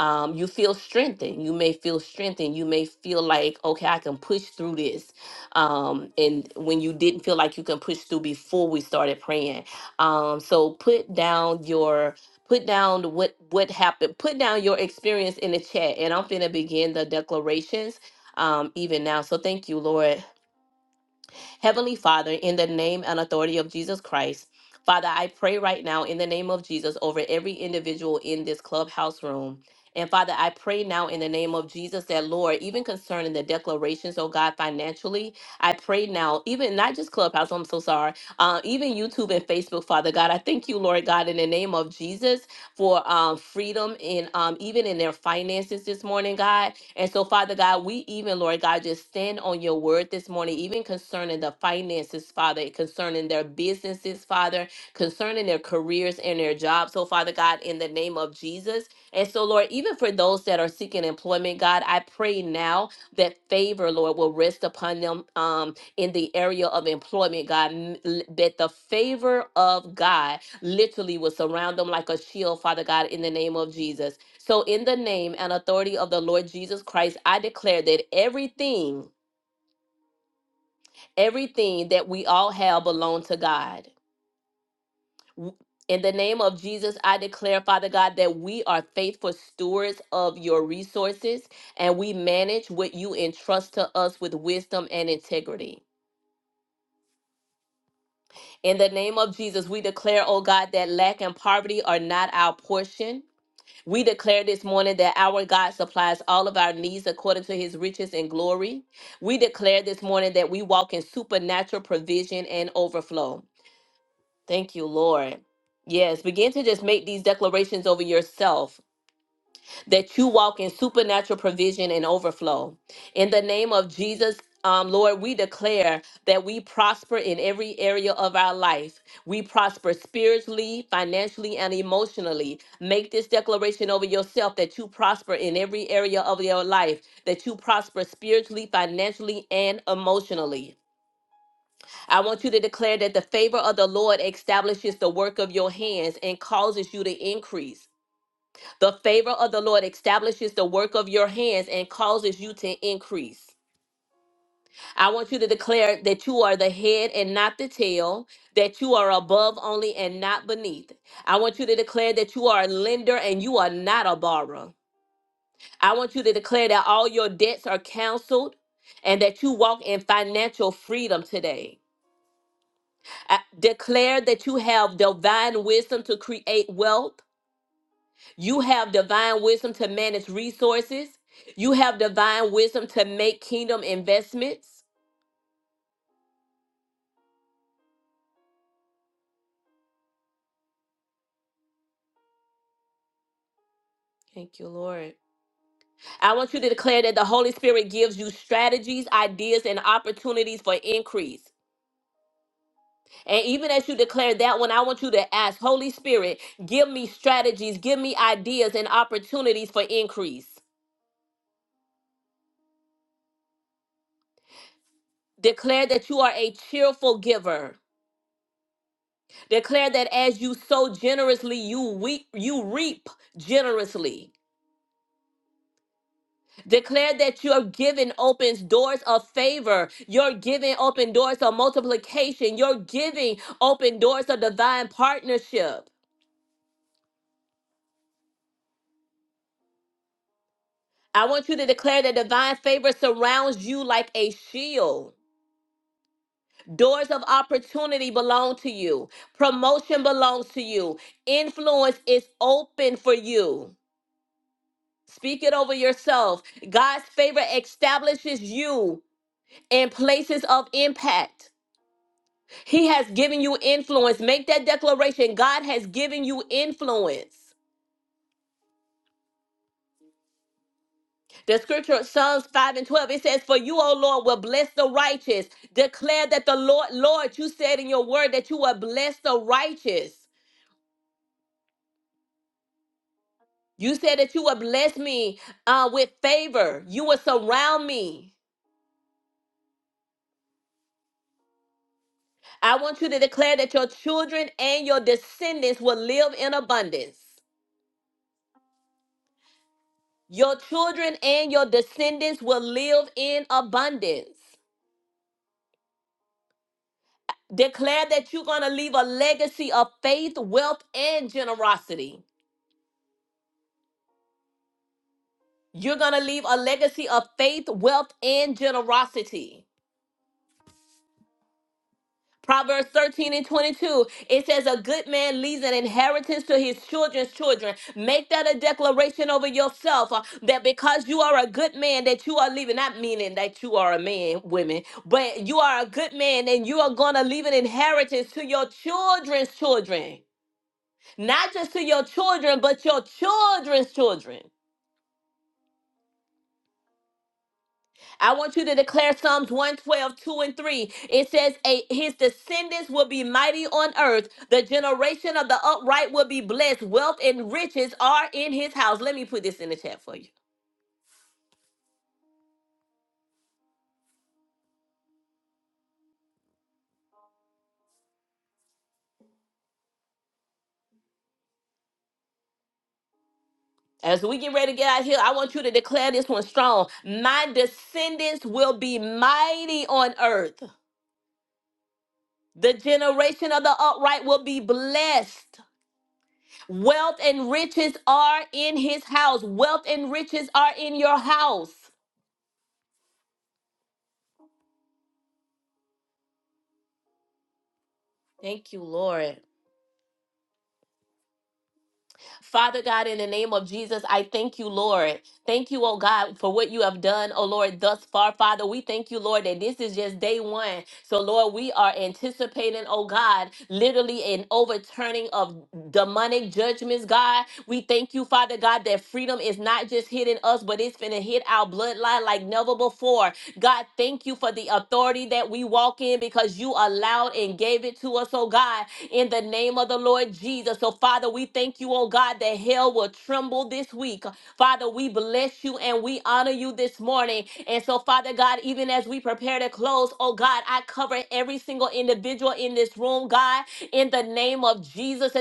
um, you feel strengthened. You may feel strengthened. You may feel like, okay, I can push through this. Um, and when you didn't feel like you can push through before we started praying. Um, so put down your put down what what happened. Put down your experience in the chat and I'm finna begin the declarations um, even now. So thank you, Lord. Heavenly Father, in the name and authority of Jesus Christ, Father, I pray right now in the name of Jesus over every individual in this clubhouse room. And Father, I pray now in the name of Jesus that, Lord, even concerning the declarations, oh God, financially, I pray now, even not just Clubhouse, I'm so sorry, uh, even YouTube and Facebook, Father God, I thank you, Lord God, in the name of Jesus for um, freedom in um, even in their finances this morning, God. And so, Father God, we even, Lord God, just stand on your word this morning, even concerning the finances, Father, concerning their businesses, Father, concerning their careers and their jobs. So, Father God, in the name of Jesus. And so, Lord, even for those that are seeking employment, God, I pray now that favor, Lord, will rest upon them um, in the area of employment, God, m- l- that the favor of God literally will surround them like a shield, Father God, in the name of Jesus. So, in the name and authority of the Lord Jesus Christ, I declare that everything, everything that we all have belong to God. In the name of Jesus, I declare, Father God, that we are faithful stewards of your resources and we manage what you entrust to us with wisdom and integrity. In the name of Jesus, we declare, oh God, that lack and poverty are not our portion We declare this morning that our God supplies all of our needs according to his riches and glory. We declare this morning that we walk in supernatural provision and overflow. Thank you, Lord. Yes, begin to just make these declarations over yourself that you walk in supernatural provision and overflow. In the name of Jesus, um, Lord, we declare that we prosper in every area of our life. We prosper spiritually, financially, and emotionally. Make this declaration over yourself that you prosper in every area of your life, that you prosper spiritually, financially, and emotionally. I want you to declare that the favor of the Lord establishes the work of your hands and causes you to increase. The favor of the Lord establishes the work of your hands and causes you to increase. I want you to declare that you are the head and not the tail, that you are above only and not beneath. I want you to declare that you are a lender and you are not a borrower. I want you to declare that all your debts are canceled and that you walk in financial freedom today. I- declare that you have divine wisdom to create wealth You have divine wisdom to manage resources. You have divine wisdom to make kingdom investments. Thank you, Lord. I want you to declare that the Holy Spirit gives you strategies, ideas, and opportunities for increase. And even as you declare that one, I want you to ask, Holy Spirit, give me strategies, give me ideas and opportunities for increase. Declare that you are a cheerful giver. Declare that as you sow generously, you reap, you reap generously. Declare that your giving opens doors of favor. Your giving open doors of multiplication. Your giving open doors of divine partnership. I want you to declare that divine favor surrounds you like a shield. Doors of opportunity belong to you. Promotion belongs to you. Influence is open for you. Speak it over yourself. God's favor establishes you in places of impact. He has given you influence. Make that declaration. God has given you influence. The scripture, Psalms 5 and 12, it says, For you, O Lord, will bless the righteous. Declare that the Lord, Lord, you said in your word that you will bless the righteous. You said that you will bless me uh, with favor. You will surround me. I want you to declare that your children and your descendants will live in abundance. Your children and your descendants will live in abundance. Declare that you're going to leave a legacy of faith, wealth, and generosity. You're going to leave a legacy of faith, wealth, and generosity. Proverbs 13 and 22, it says, A good man leaves an inheritance to his children's children. Make that a declaration over yourself uh, that because you are a good man, that you are leaving, not meaning that you are a man, women, but you are a good man and you are going to leave an inheritance to your children's children. not just to your children, but your children's children. I want you to declare Psalms one, twelve, two, and 3. It says, "A- His descendants will be mighty on earth. The generation of the upright will be blessed. Wealth and riches are in his house. Let me put this in the chat for you. As we get ready to get out of here, I want you to declare this one strong. My descendants will be mighty on earth. The generation of the upright will be blessed. Wealth and riches are in his house. Wealth and riches are in your house. Thank you, Lord. Father God, in the name of Jesus, I thank you, Lord. Thank you, oh God, for what you have done, oh Lord, thus far, Father. We thank you, Lord, that this is just day one. So, Lord, we are anticipating, oh God, literally an overturning of demonic judgments, God. We thank you, Father God, that freedom is not just hitting us, but it's going to hit our bloodline like never before. God, thank you for the authority that we walk in because you allowed and gave it to us, oh God, in the name of the Lord Jesus. So, Father, we thank you, oh God, that hell will tremble this week. Father, we bless you and we honor you this morning. And so, Father God, even as we prepare to close, oh God, I cover every single individual in this room, God, in the name of Jesus.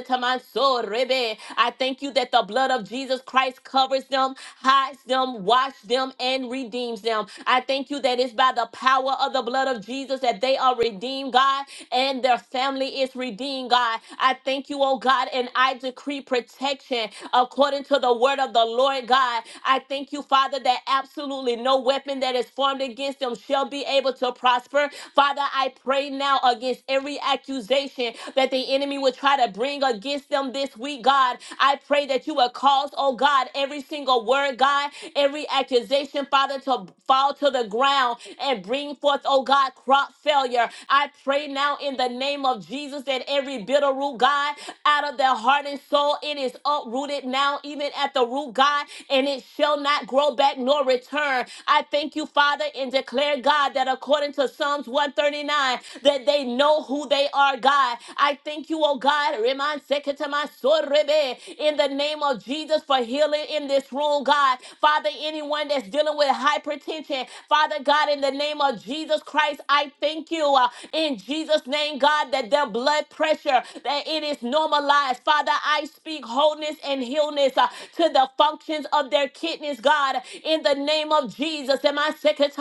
So, rebe. I thank you that the blood of Jesus Christ covers them, hides them, washes them, and redeems them. I thank you that it's by the power of the blood of Jesus that they are redeemed, God, and their family is redeemed, God. I thank you, oh God, and I decree protection according to the word of the Lord, God. I thank you, Father, that absolutely no weapon that is formed against them shall be able to prosper. Father, I pray now against every accusation that the enemy enemy would try to bring against them this week, God. I pray that you would cause, oh God, every single word, God, every accusation, Father, to fall to the ground and bring forth, oh God, crop failure. I pray now in the name of Jesus that every bitter root, God, out of their heart and soul, it is uprooted now, even at the root, God, and it shall not grow back nor return. I thank you, Father, and declare, God, that according to Psalms 139, that they know who they they are, God. I thank you, oh God. Reman seketama sorebe. In the name of Jesus for healing in this room, God. Father, anyone that's dealing with hypertension, Father God, in the name of Jesus Christ, I thank you. uh, in Jesus' name, God, that their blood pressure, that it is normalized. Father, I speak wholeness and healness uh, to the functions of their kidneys, God, in the name of Jesus. And my secretary,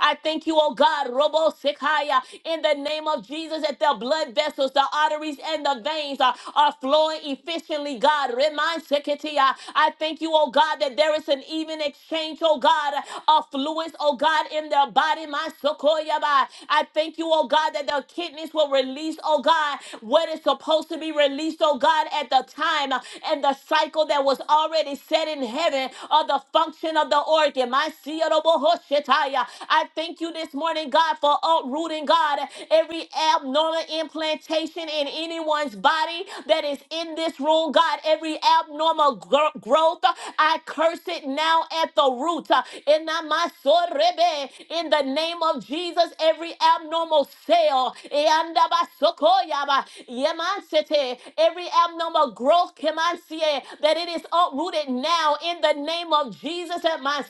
I thank you, oh God, Robo Sekaya, in the name of Jesus that the blood vessels, the arteries, and the veins are, are flowing efficiently, God. Remind Shekinah, I thank you, oh God, that there is an even exchange, oh God, of fluids, oh God, in their body. My Sokoyaba. I thank you, oh God, that the kidneys will release, oh God, what is supposed to be released, oh God, at the time uh, and the cycle that was already set in heaven of the function of the organ. My Siyarobohoshetaya. I thank you this morning morning, God, for uprooting, God, every abnormal implantation in anyone's body that is in this room, God, every abnormal gro- growth, I curse it now at the root. In the masorebe, in the name of Jesus, every abnormal cell, eandabasokoyaba, yemansete, every abnormal growth, kemansie, that it is uprooted now in the name of Jesus at my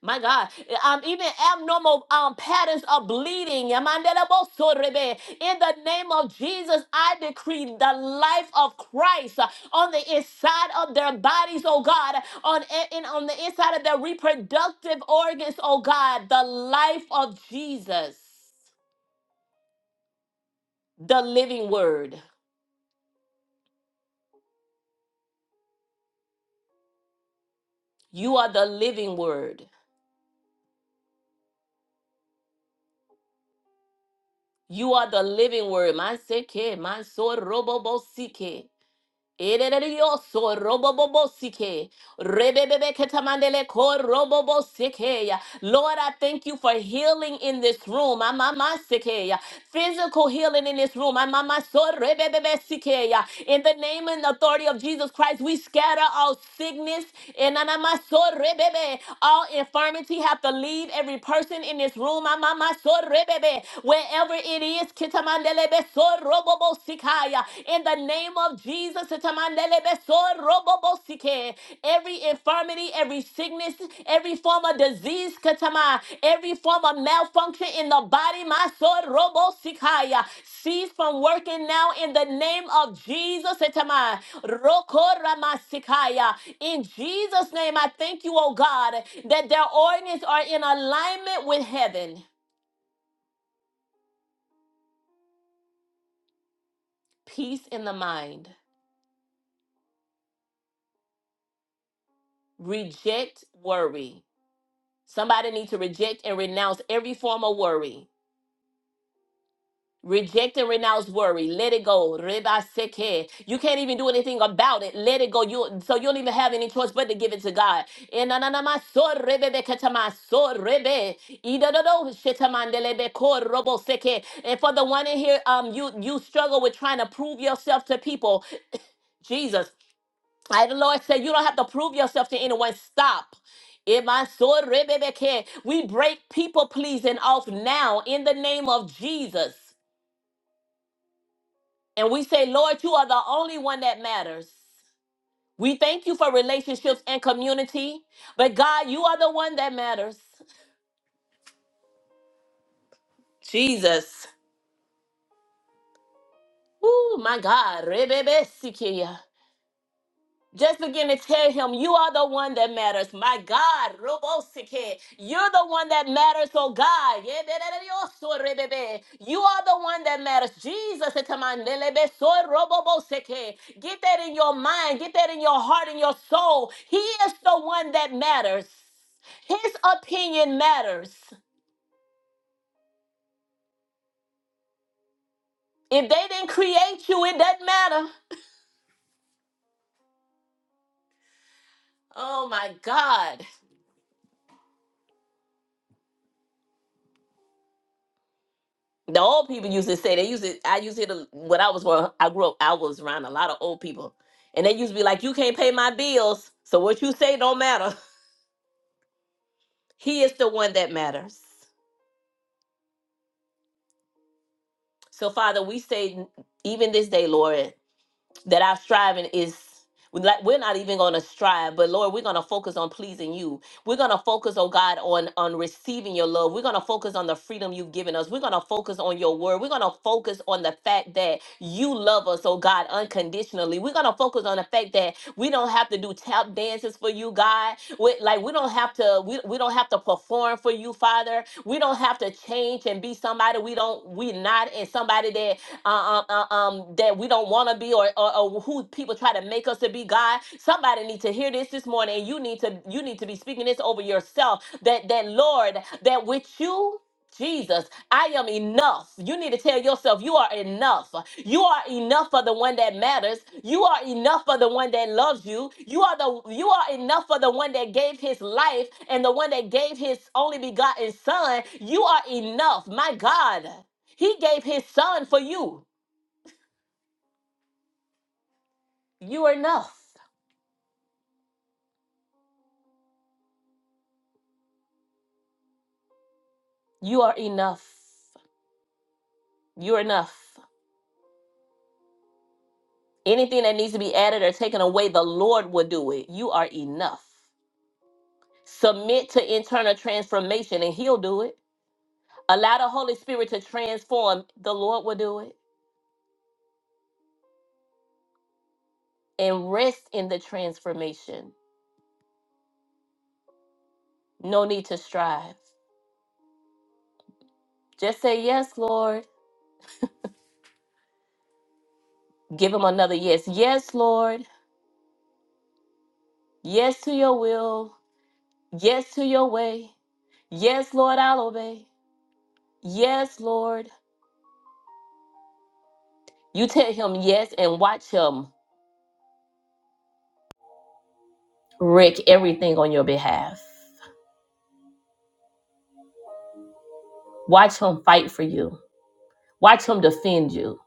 my God, um, even abnormal um, patterns of bleeding. Yamandelebosorebe. In the name of Jesus, I decree the life of Christ uh, on the inside of their bodies, oh God, on a- and on the inside of their reproductive organs, oh God, the life of Jesus, the living word. You are the living word. You are the living word. Manseke, mansorobobo Erererioso robobobosike rebebebeketamandeleko robobosikeya. Lord, I thank you for healing in this room. Amamamasikeya. Physical healing in this room. Amamaso rebebebesikeya. In the name and authority of Jesus Christ, we scatter all sickness and anamaso rebebe. all infirmity have to leave every person in this room. Amamaso rebebe. Wherever it is, ketamandelebe in the name of Jesus, Itamanele beso robobosike. every infirmity, every sickness, every form of disease, katama, every form of malfunction in the body, my sword robosikaya, cease from working now in the name of Jesus. Itama. Rokoramasikaya. In Jesus' name, I thank you, oh God, that their organs are in alignment with heaven. Peace in the mind. Reject worry Somebody needs to reject and renounce every form of worry. Reject and renounce worry. Let it go. Reba seke. You can't even do anything about it. Let it go. You so you don't even have any choice but to give it to God. Enananama so rebe be so rebe. Idododo shetamandele ko robo seke. And for the one in here, um, you you struggle with trying to prove yourself to people. Jesus. I, the Lord said, you don't have to prove yourself to anyone. Stop. Imansorebebeke. We break people pleasing off now in the name of Jesus. And we say, Lord, you are the only one that matters. We thank you for relationships and community, but God, you are the one that matters. Jesus. Ooh, my God. Rebebesikia. Just begin to tell him, You are the one that matters. My God, Robosike, you're the one that matters, oh God. Yeberereosorebebe. You are the one that matters. Jesus, etamandelebesorobobosikhe. get that in your mind, get that in your heart, in your soul. He is the one that matters. His opinion matters. If they didn't create you, it doesn't matter. Oh my God. The old people used to say they used to. I used to hear the, when I was growing. I grew up. I was around a lot of old people, and they used to be like, "You can't pay my bills, so what you say don't matter. He is the one that matters." So, Father, we say n- even this day, Lord. that our striving is we're not we're not even going to strive but lord we're going to focus on pleasing you we're going to focus oh god on on receiving your love we're going to focus on the freedom you've given us we're going to focus on your word we're going to focus on the fact that you love us oh god unconditionally we're going to focus on the fact that we don't have to do tap dances for you god we, like we don't have to we, we don't have to perform for you father we don't have to change and be somebody we don't we're not and somebody that uh, uh, uh, um, that we don't want to be or, or, or who people try to make us to be god somebody need to hear this this morning and you need to you need to be speaking this over yourself that that lord that with you Jesus, I am enough. You need to tell yourself you are enough. You are enough for the one that matters. You are enough for the one that loves you. You are the you are enough for the one that gave his life and the one that gave his only begotten son. You are enough. My God. He gave his son for you. You are enough. You are enough. You are enough. Anything that needs to be added or taken away, the Lord will do it. You are enough. Submit to internal transformation and he'll do it. Allow the Holy Spirit to transform. The Lord will do it. And rest in the transformation. No need to strive. Just say, Yes, Lord. Give him another yes. Yes, Lord. Yes to your will. Yes to your way. Yes, Lord, I'll obey. Yes, Lord. You tell him yes and watch him wreck everything on your behalf. Watch him fight for you. Watch him defend you.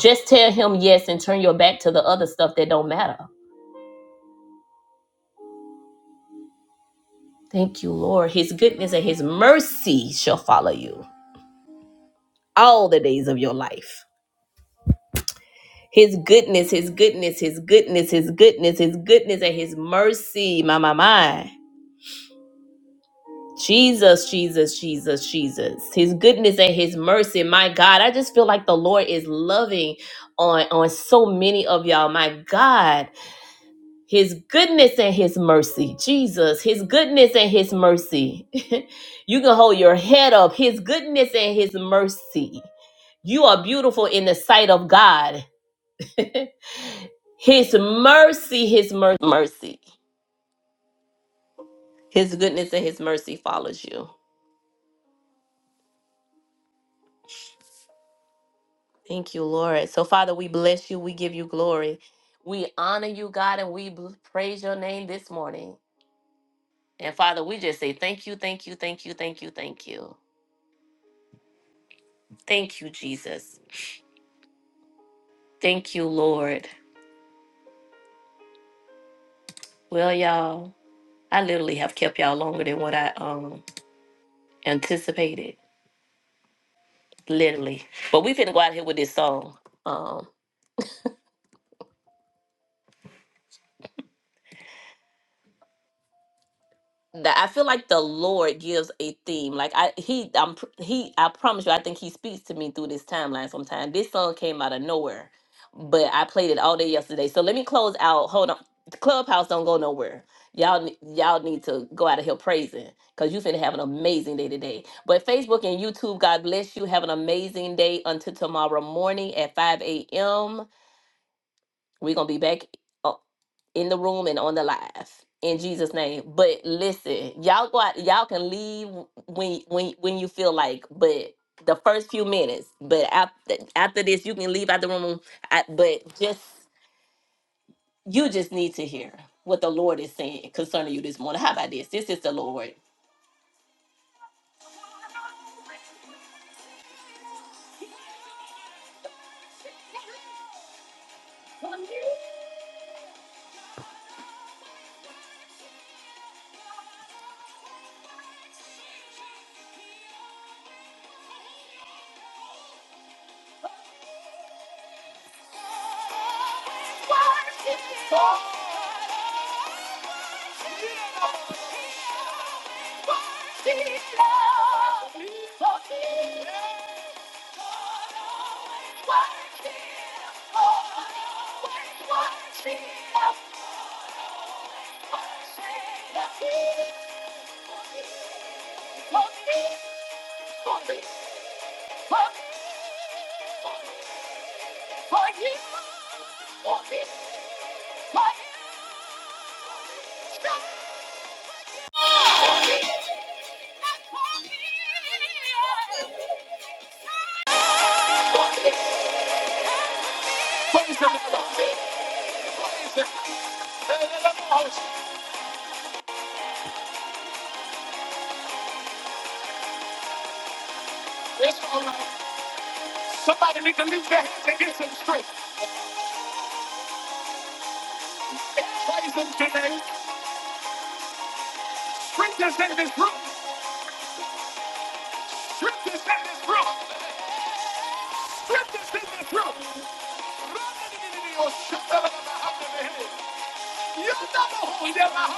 Just tell him yes and turn your back to the other stuff that don't matter. Thank you, Lord. His goodness and his mercy shall follow you all the days of your life. His goodness, his goodness, his goodness, his goodness, his goodness, and his mercy, my, my, my. Jesus, Jesus, Jesus, Jesus. His goodness and his mercy. My God, I just feel like the Lord is loving on on so many of y'all. My God, his goodness and his mercy. Jesus, his goodness and his mercy. you can hold your head up. His goodness and his mercy. You are beautiful in the sight of God. his mercy, his mer- mercy. His goodness and his mercy follows you. Thank you, Lord. So, Father, we bless you. We give you glory. We honor you, God, and we bl- praise your name this morning. And, Father, we just say thank you, thank you, thank you, thank you, thank you. Thank you, Jesus. Thank you, Lord. Well, y'all, I literally have kept y'all longer than what I um anticipated. Literally. But we finna go out here with this song. Um, that I feel like the Lord gives a theme. Like I he I'm pr- he I promise you I think he speaks to me through this timeline sometime. This song came out of nowhere, but I played it all day yesterday. So let me close out. Hold on. Clubhouse don't go nowhere. Y'all ne- y'all need to go out of here praising cuz you finna have an amazing day today. But Facebook and YouTube, God bless you. Have an amazing day until tomorrow morning at 5 a.m. We're gonna be back uh, in the room and on the live in Jesus' name. But listen, y'all go out, y'all can leave when when when you feel like, but the first few minutes. But after after this, you can leave out the room. I, but just you just need to hear what the Lord is saying concerning you this morning. How about this? This is the Lord. It's all right. Somebody need to leave that to get some strength. Praise him today. Strength is in this room. Strength is in this room. Strength is in this room. You're not a holy devil.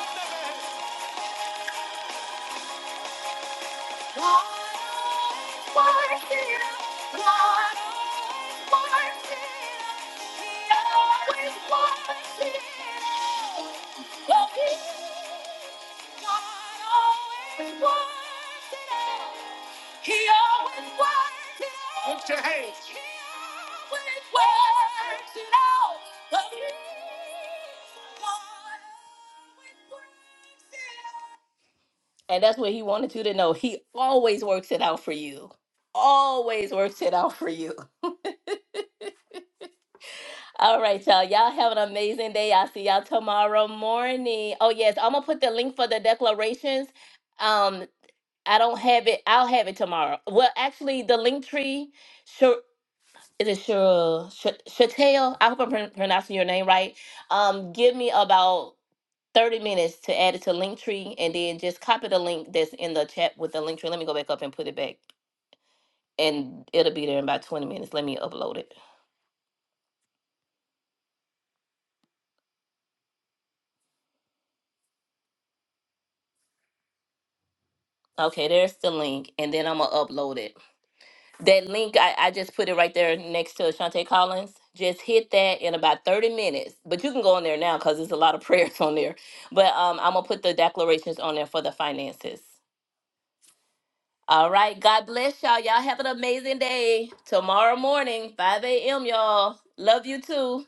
Lift your hands. And that's what he wanted you to know. He always works it out for you. Always works it out for you. All right, y'all. Y'all have an amazing day. I'll see y'all tomorrow morning. Oh, yes. I'm going to put the link for the declarations. Um, I don't have it. I'll have it tomorrow. Well, actually, the link tree, sure. It is it Cheryl Ch- Chatel. I hope I'm pron- pronouncing your name right. Um, give me about 30 minutes to add it to Linktree and then just copy the link that's in the chat with the Linktree. Let me go back up and put it back. And it'll be there in about 20 minutes. Let me upload it. Okay, there's the link. And then I'm gonna upload it. That link I, I just put it right there next to Shantae Collins. Just hit that in about 30 minutes. But you can go in there now because there's a lot of prayers on there. But um I'm gonna put the declarations on there for the finances. All right, God bless y'all. Y'all have an amazing day. Tomorrow morning, 5 a.m. Y'all. Love you too.